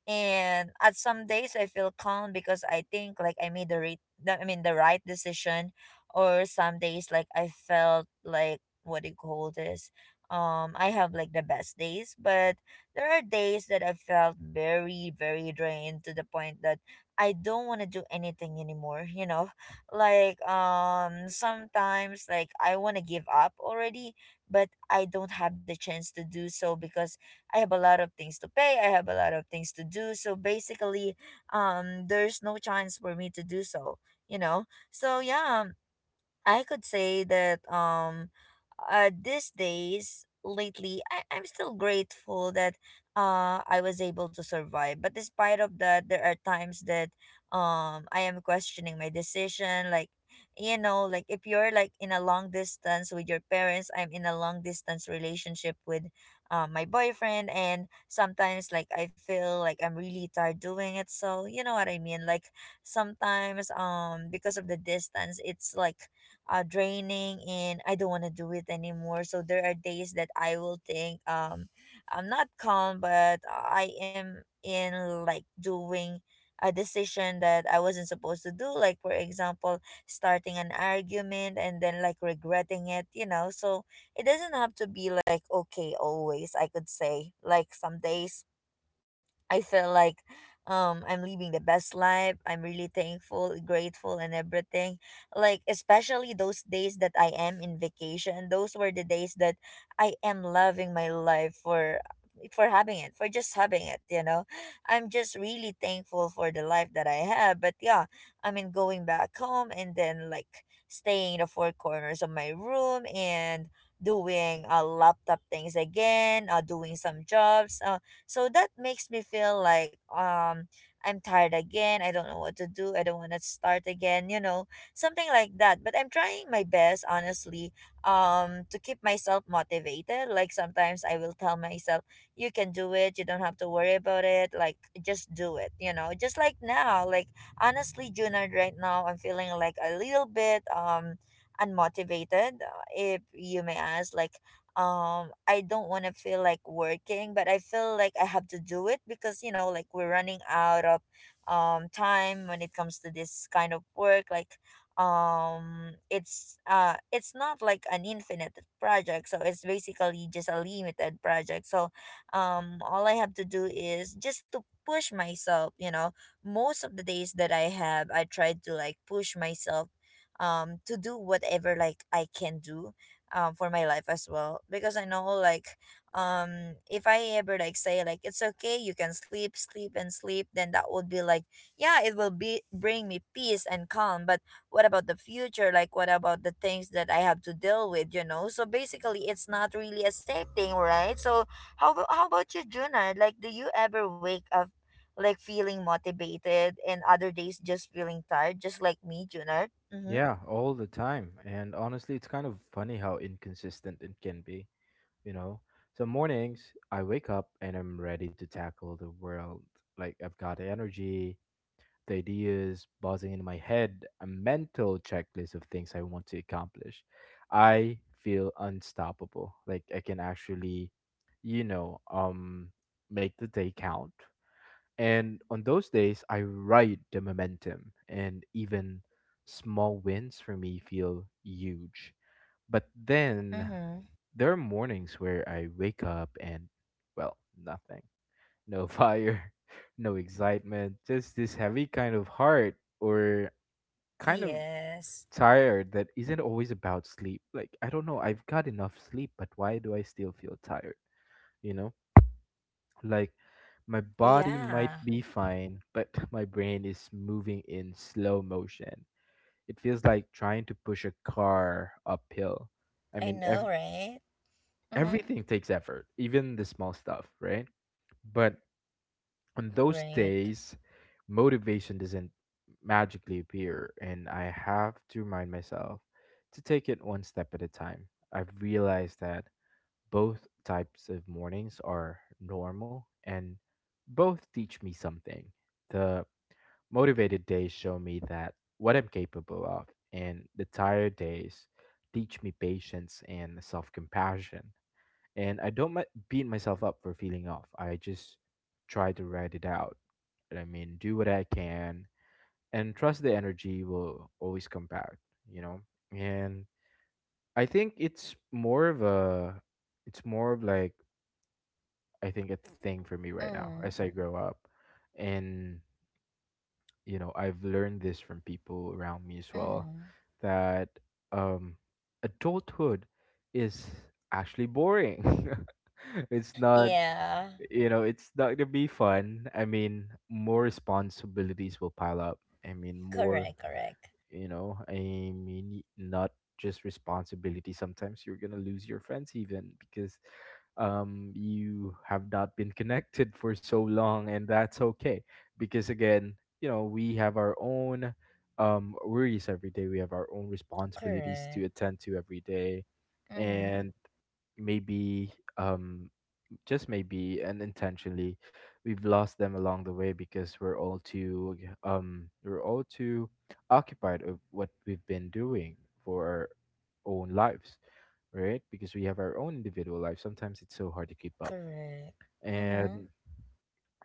Speaker 1: And at some days I feel calm because I think like I made the right, I mean the right decision. Or some days like I felt like, what do you call this, um I have like the best days, but there are days that I felt very, very drained to the point that I don't want to do anything anymore, you know. like um sometimes like I want to give up already, but I don't have the chance to do so because I have a lot of things to pay. I have a lot of things to do. So basically um there's no chance for me to do so, you know. So yeah, I could say that um uh these days lately I, I'm still grateful that uh I was able to survive. But despite of that, there are times that um I am questioning my decision, like, you know, like if you're like in a long distance with your parents, I'm in a long distance relationship with uh, my boyfriend, and sometimes like I feel like I'm really tired doing it, so you know what I mean. Like sometimes um because of the distance, it's like uh, draining, and I don't want to do it anymore. So there are days that I will think um I'm not calm, but I am in like doing a decision that I wasn't supposed to do. Like for example, starting an argument and then like regretting it. You know, so it doesn't have to be like okay always. I could say like some days I feel like um I'm living the best life. I'm really thankful, grateful, and everything. Like especially those days that I am in vacation, those were the days that I am loving my life for for having it, for just having it, you know. I'm just really thankful for the life that I have. But yeah, I mean going back home and then like staying in the four corners of my room and doing uh, laptop things again, uh, doing some jobs, uh, so that makes me feel like um I'm tired again. I don't know what to do. I don't want to start again, you know, something like that. But I'm trying my best, honestly, um to keep myself motivated. Like sometimes I will tell myself, you can do it. You don't have to worry about it. Like just do it, you know. Just like now, like honestly, Junard, right now I'm feeling like a little bit um unmotivated, uh, if you may ask, like, um I don't want to feel like working, but I feel like I have to do it because, you know, like we're running out of um time when it comes to this kind of work. Like um it's uh it's not like an infinite project, so it's basically just a limited project. So um all I have to do is just to push myself, you know. Most of the days that I have, I try to like push myself um to do whatever like I can do um for my life as well, because I know, like, um if I ever like say like it's okay, you can sleep sleep and sleep, then that would be like, yeah, it will be bring me peace and calm. But what about the future? Like what about the things that I have to deal with, you know? So basically it's not really a safe thing, right? So how, abo- how about you, Juna? Like, do you ever wake up like feeling motivated and other days just feeling tired, just like me, Juna? Mm-hmm.
Speaker 2: Yeah, all the time. And honestly, it's kind of funny how inconsistent it can be, you know? Some mornings, I wake up and I'm ready to tackle the world. Like, I've got energy, the ideas buzzing in my head, a mental checklist of things I want to accomplish. I feel unstoppable. Like I can actually, you know, um make the day count. And on those days I ride the momentum, and even small wins for me feel huge. But then
Speaker 1: Mm-hmm.
Speaker 2: there are mornings where I wake up and well, nothing, no fire, no excitement, just this heavy kind of heart or kind of
Speaker 1: Yes.
Speaker 2: tired that isn't always about sleep. Like, I don't know, I've got enough sleep, but why do I still feel tired? You know, like my body might
Speaker 1: Yeah,
Speaker 2: be fine, but my brain is moving in slow motion. It feels like trying to push a car uphill. I
Speaker 1: I
Speaker 2: mean, ev-
Speaker 1: know, right? Mm-hmm.
Speaker 2: everything takes effort, even the small stuff, right? But on those
Speaker 1: Right.
Speaker 2: days, motivation doesn't magically appear, and I have to remind myself to take it one step at a time. I've realized that both types of mornings are normal and both teach me something. The motivated days show me that what I'm capable of, and the tired days teach me patience and self compassion and I don't mi- beat myself up for feeling off. I just try to ride it out. I mean, do what I can and trust the energy will always come back, you know? And I think it's more of a it's more of like I think a thing for me right now as
Speaker 1: Mm-hmm.
Speaker 2: I grow up. And you know, I've learned this from people around me as well
Speaker 1: Mm-hmm.
Speaker 2: that um adulthood is actually boring. It's not,
Speaker 1: Yeah.
Speaker 2: you know, it's not gonna be fun. I mean, more responsibilities will pile up. I mean more
Speaker 1: Correct, correct.
Speaker 2: You know, I mean, not just responsibility. Sometimes you're gonna lose your friends even because um you have not been connected for so long, and that's okay because again, you know, we have our own um worries every day. We have our own responsibilities to
Speaker 1: Correct.
Speaker 2: attend to every day,
Speaker 1: Mm-hmm.
Speaker 2: and maybe, um just maybe and intentionally, we've lost them along the way because we're all too um we're all too occupied of what we've been doing for our own lives, right? Because we have our own individual lives. Sometimes it's so hard to keep up.
Speaker 1: Correct. Mm-hmm.
Speaker 2: And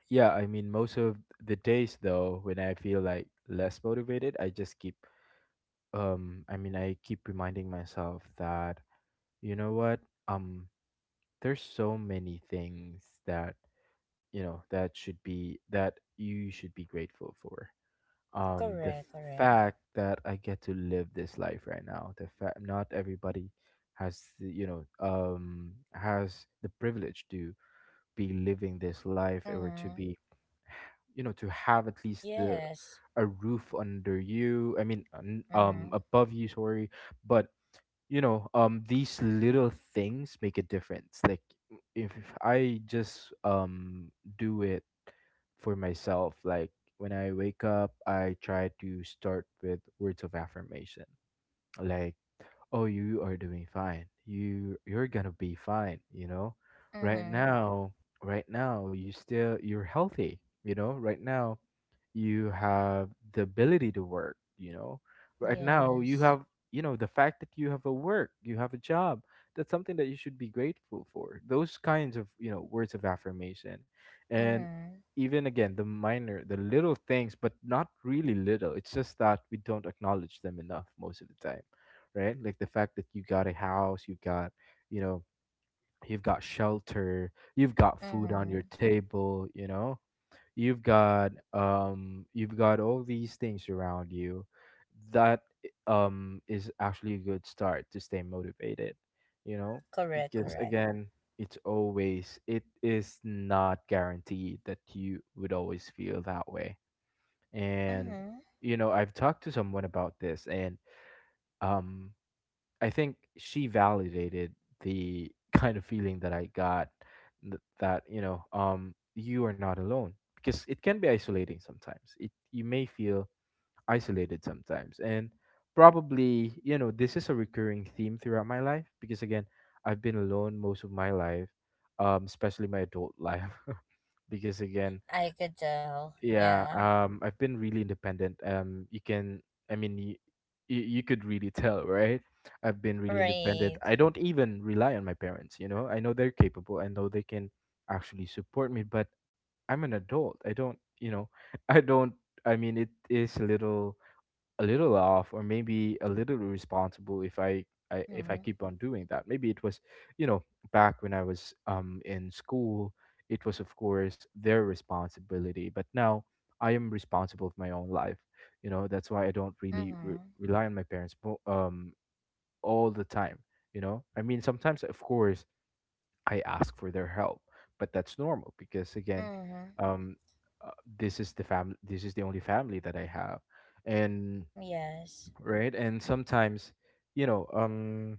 Speaker 2: yeah, I mean, most of the days though, when I feel like less motivated, I just keep, um i mean I keep reminding myself that, you know what, um there's so many things that, you know, that should be that you should be grateful for. Um the
Speaker 1: Correct, correct.
Speaker 2: fact that I get to live this life right now, the fact not everybody has the, you know, um has the privilege to be living this life, or to
Speaker 1: Mm-hmm.
Speaker 2: be, you know, to have at least the
Speaker 1: Yes.
Speaker 2: a roof under you I mean un- um
Speaker 1: Mm-hmm.
Speaker 2: above you, sorry. But you know, um these little things make a difference. Like, if I just um do it for myself, like when I wake up, I try to start with words of affirmation. Like, oh, you are doing fine, you you're gonna be fine, you know? Right
Speaker 1: Mm-hmm.
Speaker 2: now, right now, you still you're healthy, you know? Right now, you have the ability to work, you know? Right now, you
Speaker 1: Yes.
Speaker 2: have, you know, the fact that you have a work, you have a job, that's something that you should be grateful for. Those kinds of, you know, words of affirmation. And
Speaker 1: Mm-hmm.
Speaker 2: even again, the minor the little things, but not really little. It's just that we don't acknowledge them enough most of the time, right? Like the fact that you got a house, you got, you know, you've got shelter, you've got food on your
Speaker 1: Mm-hmm.
Speaker 2: table, you know, you've got, um you've got all these things around you that um is actually a good start to stay motivated, you know?
Speaker 1: Correct,
Speaker 2: Because
Speaker 1: correct.
Speaker 2: again, it's always it is not guaranteed that you would always feel that way. And
Speaker 1: Mm-hmm.
Speaker 2: you know, I've talked to someone about this, and um I think she validated the kind of feeling that I got, th- that, you know, um you are not alone, because it can be isolating sometimes. It, you may feel isolated sometimes, and probably, you know, this is a recurring theme throughout my life because again, I've been alone most of my life, um especially my adult life. Because again,
Speaker 1: I could tell.
Speaker 2: yeah,
Speaker 1: Yeah.
Speaker 2: um, I've been really independent. Um, you can, I mean, you, you, you could really tell, right? I've been really independent.
Speaker 1: Right.
Speaker 2: I don't even rely on my parents, you know? I know they're capable. I know they can actually support me, but I'm an adult. I don't, you know, I don't, I mean, it is a little a little off, or maybe a little irresponsible if I, I if I
Speaker 1: Mm-hmm.
Speaker 2: keep on doing that. Maybe it was, you know, back when I was um in school, it was of course their responsibility, but now I am responsible for my own life. You know, that's why I don't really re-
Speaker 1: Mm-hmm.
Speaker 2: rely on my parents mo- um all the time, you know? I mean, sometimes of course I ask for their help, but that's normal because again,
Speaker 1: Mm-hmm.
Speaker 2: um uh, this is the family, this is the only family that I have. And
Speaker 1: Yes.
Speaker 2: right? And sometimes, you know, um,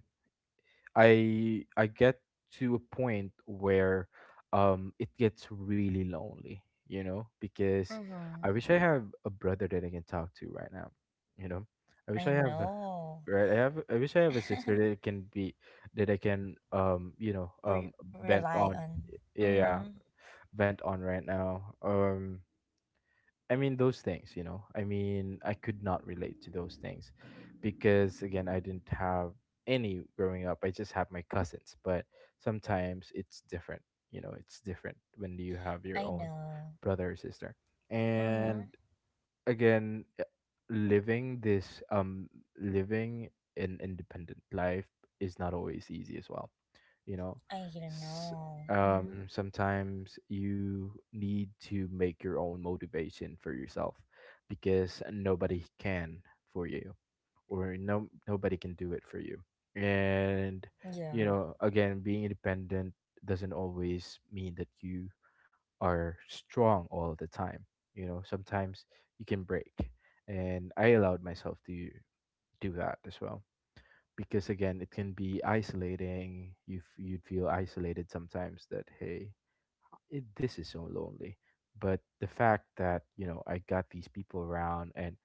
Speaker 2: I I get to a point where um it gets really lonely, you know, because I
Speaker 1: Mm-hmm.
Speaker 2: wish I have a brother that I can talk to right now, you know. I wish
Speaker 1: I
Speaker 2: I have a-
Speaker 1: know.
Speaker 2: right. I have. I wish I have a sister that I can be, that I can, um you know,
Speaker 1: Re-
Speaker 2: um vent
Speaker 1: rely
Speaker 2: on.
Speaker 1: on.
Speaker 2: Yeah, yeah,
Speaker 1: Mm-hmm.
Speaker 2: vent on right now. Um, I mean, those things, you know. I mean, I could not relate to those things because again, I didn't have any growing up. I just have my cousins, but sometimes it's different, you know, it's different when you have
Speaker 1: I
Speaker 2: your own
Speaker 1: know.
Speaker 2: brother or sister.
Speaker 1: Mm-hmm.
Speaker 2: And again, uh, living this um living an independent life is not always easy as well, you know.
Speaker 1: I
Speaker 2: S-
Speaker 1: know. Mm-hmm.
Speaker 2: um Sometimes you need to make your own motivation for yourself because nobody can for you, or no nobody can do it for you. And you
Speaker 1: Yeah.
Speaker 2: know, again, being independent doesn't always mean that you are strong all the time. You know, sometimes you can break. And I allowed myself to do that as well. Because again, it can be isolating. You f- you'd feel isolated sometimes, that hey, it, this is so lonely. But the fact that, you know, I got these people around, and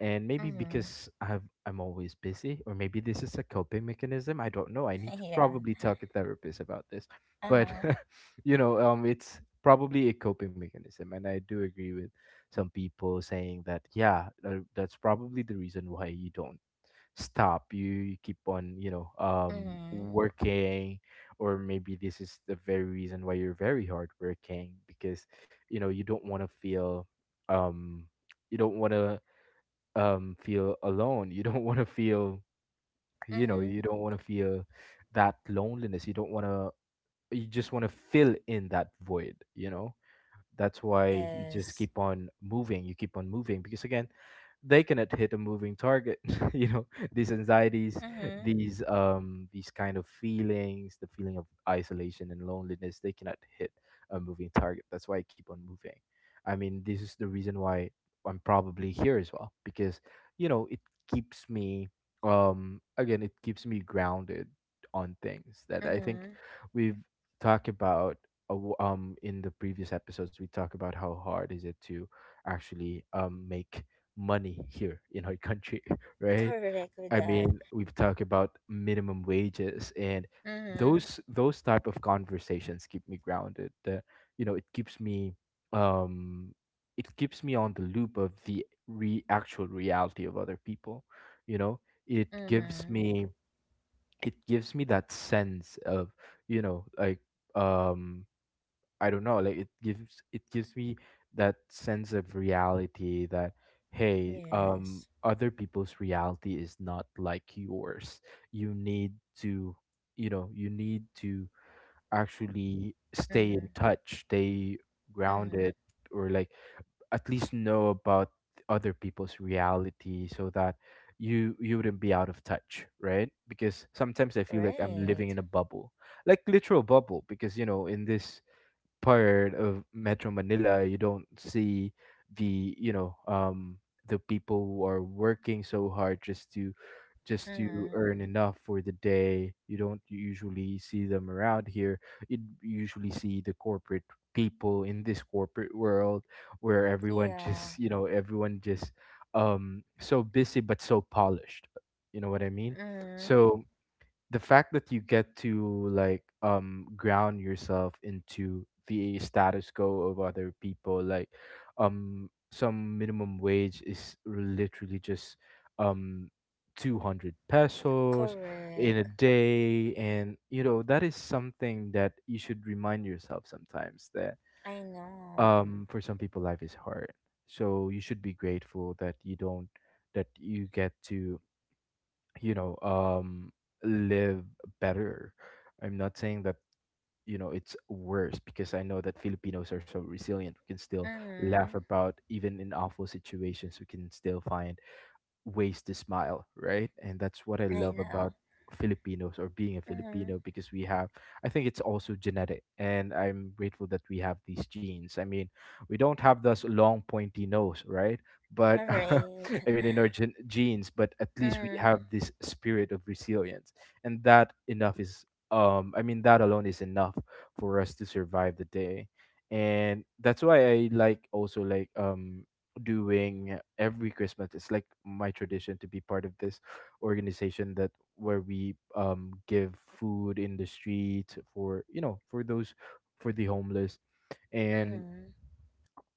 Speaker 2: and maybe
Speaker 1: Mm-hmm.
Speaker 2: because I've, I'm always busy, or maybe this is a coping mechanism. I don't know. I need to
Speaker 1: yeah.
Speaker 2: probably talk to therapist about this, but
Speaker 1: Uh-huh.
Speaker 2: you know, um, it's probably a coping mechanism, and I do agree with some people saying that, yeah, tha- that's probably the reason why you don't stop. You, you keep on, you know, um,
Speaker 1: Mm-hmm.
Speaker 2: working, or maybe this is the very reason why you're very hardworking, because you know, you don't want to feel, um, you don't want to um feel alone, you don't want to feel, you know,
Speaker 1: Mm-hmm.
Speaker 2: you don't want to feel that loneliness, you don't want to, you just want to fill in that void, you know? That's why you just
Speaker 1: Yes.
Speaker 2: keep on moving. You keep on moving because again, they cannot hit a moving target. You know, these anxieties,
Speaker 1: Mm-hmm.
Speaker 2: these um these kind of feelings, the feeling of isolation and loneliness, they cannot hit a moving target. That's why I keep on moving. I mean, this is the reason why I'm probably here as well, because you know, it keeps me, um again, it keeps me grounded on things that I think
Speaker 1: Mm-hmm.
Speaker 2: we've talked about, uh, w- um in the previous episodes we talk about how hard is it to actually um make money here in our country, right?
Speaker 1: Correct with
Speaker 2: I
Speaker 1: that.
Speaker 2: mean, we've talked about minimum wages, and
Speaker 1: Mm-hmm.
Speaker 2: those those type of conversations keep me grounded that, you know, it keeps me, um it keeps me on the loop of the re- actual reality of other people, you know. It gives
Speaker 1: Mm-hmm.
Speaker 2: me, it gives me that sense of, you know, like, um I don't know, like it gives it gives me that sense of reality that, hey, um
Speaker 1: Yes.
Speaker 2: other people's reality is not like yours. You need to, you know, you need to actually stay
Speaker 1: Mm-hmm.
Speaker 2: in touch, stay
Speaker 1: Mm-hmm.
Speaker 2: grounded, or like at least know about other people's reality so that you you wouldn't be out of touch, right? Because sometimes I feel like I'm
Speaker 1: Right.
Speaker 2: living in a bubble, like literal bubble, because you know, in this part of Metro Manila, you don't see the, you know, um, the people who are working so hard just to, just to
Speaker 1: Mm-hmm.
Speaker 2: earn enough for the day. You don't usually see them around here. You usually see the corporate people in this corporate world where everyone
Speaker 1: Yeah.
Speaker 2: just, you know, everyone just um so busy but so polished, you know what I mean?
Speaker 1: Mm-hmm.
Speaker 2: So the fact that you get to like um ground yourself into the status quo of other people, like um some minimum wage is literally just um two hundred pesos in a
Speaker 1: Correct.
Speaker 2: day, and you know that is something that you should remind yourself sometimes, that
Speaker 1: I know.
Speaker 2: um for some people life is hard, so you should be grateful that you don't, that you get to, you know, um live better. I'm not saying that, you know, it's worse, because I know that Filipinos are so resilient. We can still
Speaker 1: Mm-hmm.
Speaker 2: laugh about, even in awful situations we can still find ways to smile, right? And that's what I
Speaker 1: I
Speaker 2: love
Speaker 1: know.
Speaker 2: about Filipinos, or being a
Speaker 1: Hmm.
Speaker 2: Filipino, because we have, I think it's also genetic. And I'm grateful that we have these genes. I mean, we don't have this long, pointy nose, right? But
Speaker 1: All right.
Speaker 2: I mean, in our gen- genes, but at least we
Speaker 1: Mm,
Speaker 2: have this spirit of resilience. And that enough is, um, I mean, that alone is enough for us to survive the day. And that's why I like also like um doing every Christmas. It's like my tradition to be part of this organization that, where we um give food in the street for, you know, for those, for the homeless. And
Speaker 1: mm,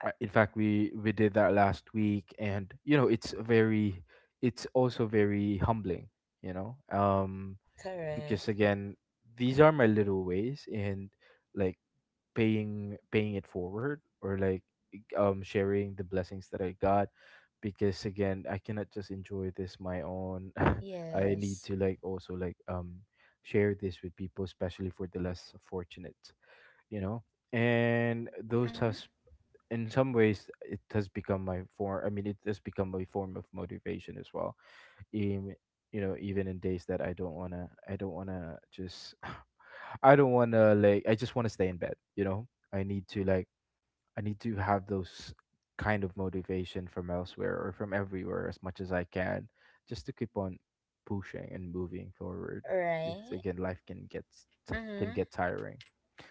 Speaker 2: uh, in fact, we we did that last week, and you know, it's very, it's also very humbling, you know, um because
Speaker 1: correct.
Speaker 2: again, these are my little ways and like paying paying it forward, or like e, um sharing the blessings that I got, because again, I cannot just enjoy this my own. I need
Speaker 1: Yes.
Speaker 2: to like also like um share this with people, especially for the less fortunate, you know. And those
Speaker 1: Mm,
Speaker 2: has, in some ways it has become my form, I mean, it has become a form of motivation as well, even, you know, even in days that I don't want to, I don't want to just I don't want to, like I just want to stay in bed, you know. I need to like, I need to have those kind of motivation from elsewhere or from everywhere as much as I can, just to keep on pushing and moving forward. Because
Speaker 1: right.
Speaker 2: again, life can get s- t- can
Speaker 1: Mm-hmm.
Speaker 2: get tiring.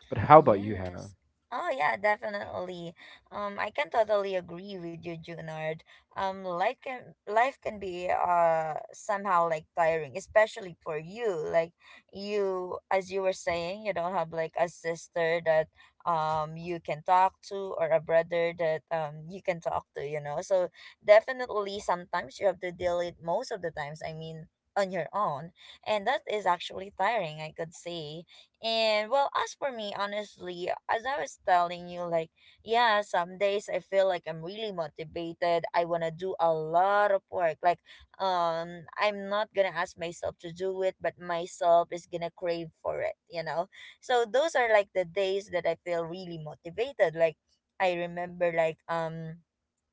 Speaker 2: But how about you, Hannah?
Speaker 1: Yes. Oh yeah, definitely. Um, I can totally agree with you, Junard. Um, life can life can be uh somehow like tiring, especially for you. Like you, as you were saying, you don't have like a sister that um you can talk to or a brother that um you can talk to. You know, so definitely sometimes you have to deal it most of the times. I mean, on your own, and that is actually tiring. I could say. And well, as for me, honestly, as I was telling you, like, yeah, some days I feel like I'm really motivated. I want to do a lot of work. Like, um, I'm not going to ask myself to do it, but myself is going to crave for it, you know? So those are like the days that I feel really motivated. Like, I remember, like, um,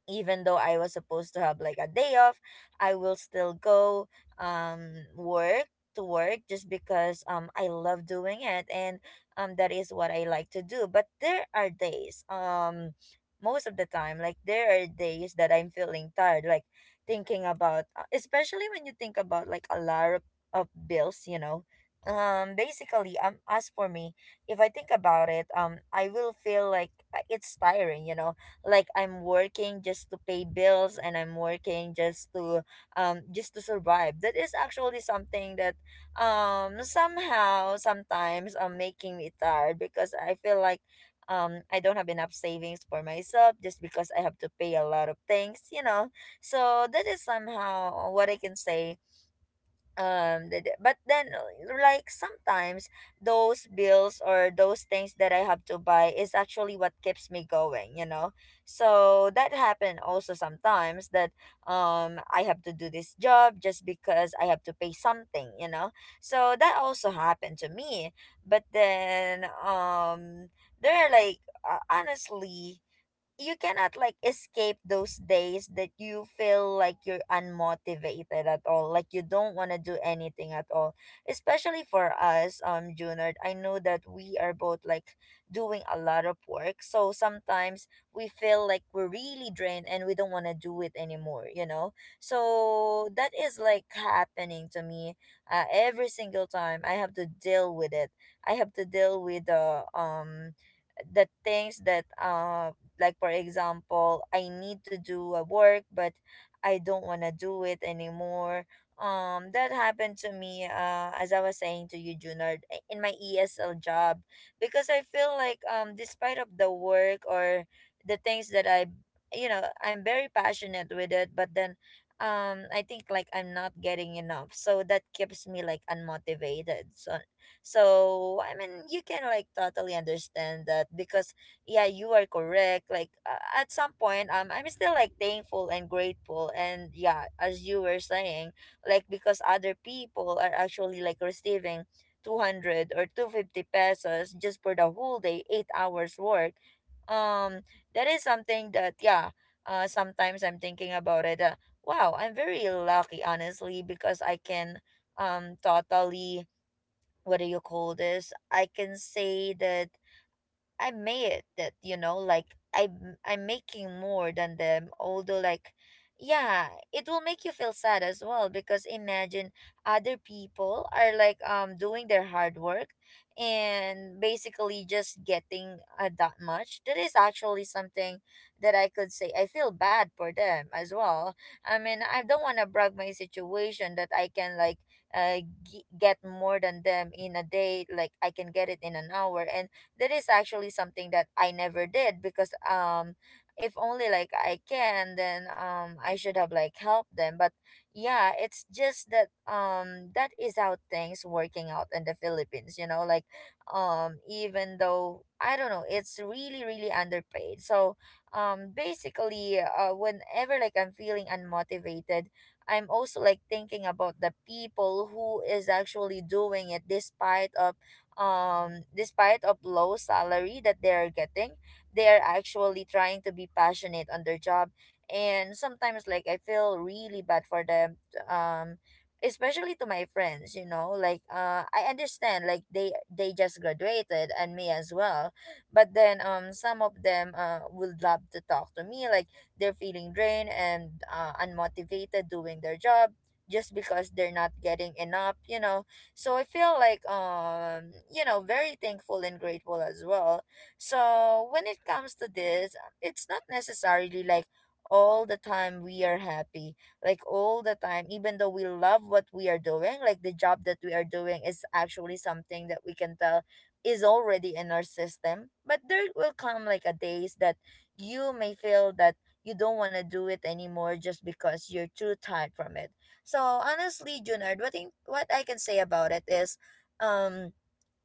Speaker 1: even though I was supposed to have like a day off, I will still go um work to work just because um I love doing it, and um that is what I like to do. But there are days, um most of the time, like there are days that I'm feeling tired, like thinking about uh, especially when you think about like a lot of, of bills, you know. Um basically, um as for me, if I think about it, um I will feel like, uh, it's tiring, you know, like I'm working just to pay bills, and I'm working just to, um just to survive. That is actually something that um somehow sometimes um making me tired because I feel like um I don't have enough savings for myself just because I have to pay a lot of things, you know. So that is somehow what I can say. Um the, the- but then uh, like sometimes those bills or those things that I have to buy is actually what keeps me going, you know. So that happened also sometimes that um I have to do this job just because I have to pay something, you know. So that also happened to me. But then um there are like, uh, honestly, you cannot like escape those days that you feel like you're unmotivated at all, like you don't want to do anything at all, especially for us, um Junard. I know that we are both like doing a lot of work, so sometimes we feel like we're really drained and we don't want to do it anymore, you know. So that is like happening to me. uh, every single time I have to deal with it, I have to deal with the um the things that um like, for example, I need to do a work, but I don't want to do it anymore. Um, that happened to me, uh, as I was saying to you, Junard, i- in my E S L job, because I feel like, um, despite of the work or the things that I, you know, I'm very passionate with it, but then um I think like I'm not getting enough, so that keeps me like unmotivated. So so I mean, you can like totally understand that because yeah, you are correct. Like uh, at some point, um I'm still like thankful and grateful, and yeah, as you were saying, like because other people are actually like receiving two hundred or two hundred fifty pesos just for the whole day, eight hours work. um that is something that, yeah, uh sometimes I'm thinking about it uh, Wow, I'm very lucky, honestly, because I can um totally, what do you call this, I can say that I made it. That, you know, like I I'm I'm making more than them, although like, yeah, it will make you feel sad as well, because imagine other people are like um doing their hard work and basically just getting uh, that much. That is actually something that I could say I feel bad for them as well. I mean, I don't want to brag my situation that I can like uh, g- get more than them in a day. Like I can get it in an hour. And that is actually something that I never did, because um if only like I can, then um I should have like helped them. But yeah, it's just that um that is how things working out in the Philippines, you know. Like um even though, I don't know, it's really really underpaid. So um basically uh whenever like I'm feeling unmotivated, I'm also like thinking about the people who is actually doing it despite of, um despite of low salary that they are getting, they are actually trying to be passionate on their job. And sometimes like I feel really bad for them. um Especially to my friends, you know. Like uh I understand, like they they just graduated, and me as well. But then um some of them uh would love to talk to me, like they're feeling drained and uh, unmotivated doing their job, just because they're not getting enough, you know. So I feel like, um you know very thankful and grateful as well. So when it comes to this, it's not necessarily like all the time we are happy, like all the time. Even though we love what we are doing, like the job that we are doing is actually something that we can tell is already in our system. But there will come like a days that you may feel that you don't want to do it anymore, just because you're too tired from it. So honestly, Junard, what I, what I can say about it is, um,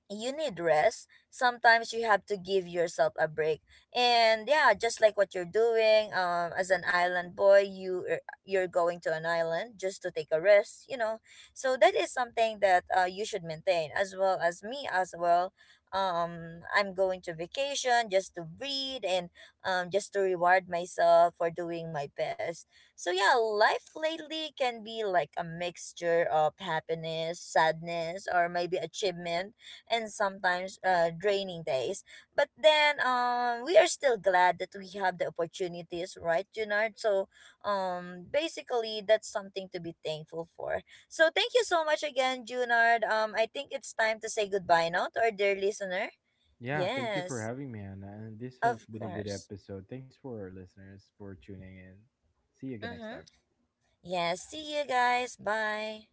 Speaker 1: you need rest. Sometimes you have to give yourself a break. And yeah, just like what you're doing, um, as an island boy, you er, you're going to an island just to take a rest, you know. So that is something that uh, you should maintain, as well as me as well. Um, I'm going to vacation just to breathe and um, just to reward myself for doing my best. So yeah, life lately can be like a mixture of happiness, sadness, or maybe achievement, and sometimes uh, draining days. But then um, we are still glad that we have the opportunities, right, Junard? So um, basically, that's something to be thankful for. So thank you so much again, Junard. Um, I think it's time to say goodbye now to our dear listener.
Speaker 2: Yeah, thank you for
Speaker 1: Yes,
Speaker 2: having me, Anna. And this has
Speaker 1: of
Speaker 2: been a good
Speaker 1: course.
Speaker 2: episode. Thanks for our listeners for tuning in. See you again next
Speaker 1: Mm-hmm.
Speaker 2: time.
Speaker 1: Yes, see you guys. Bye.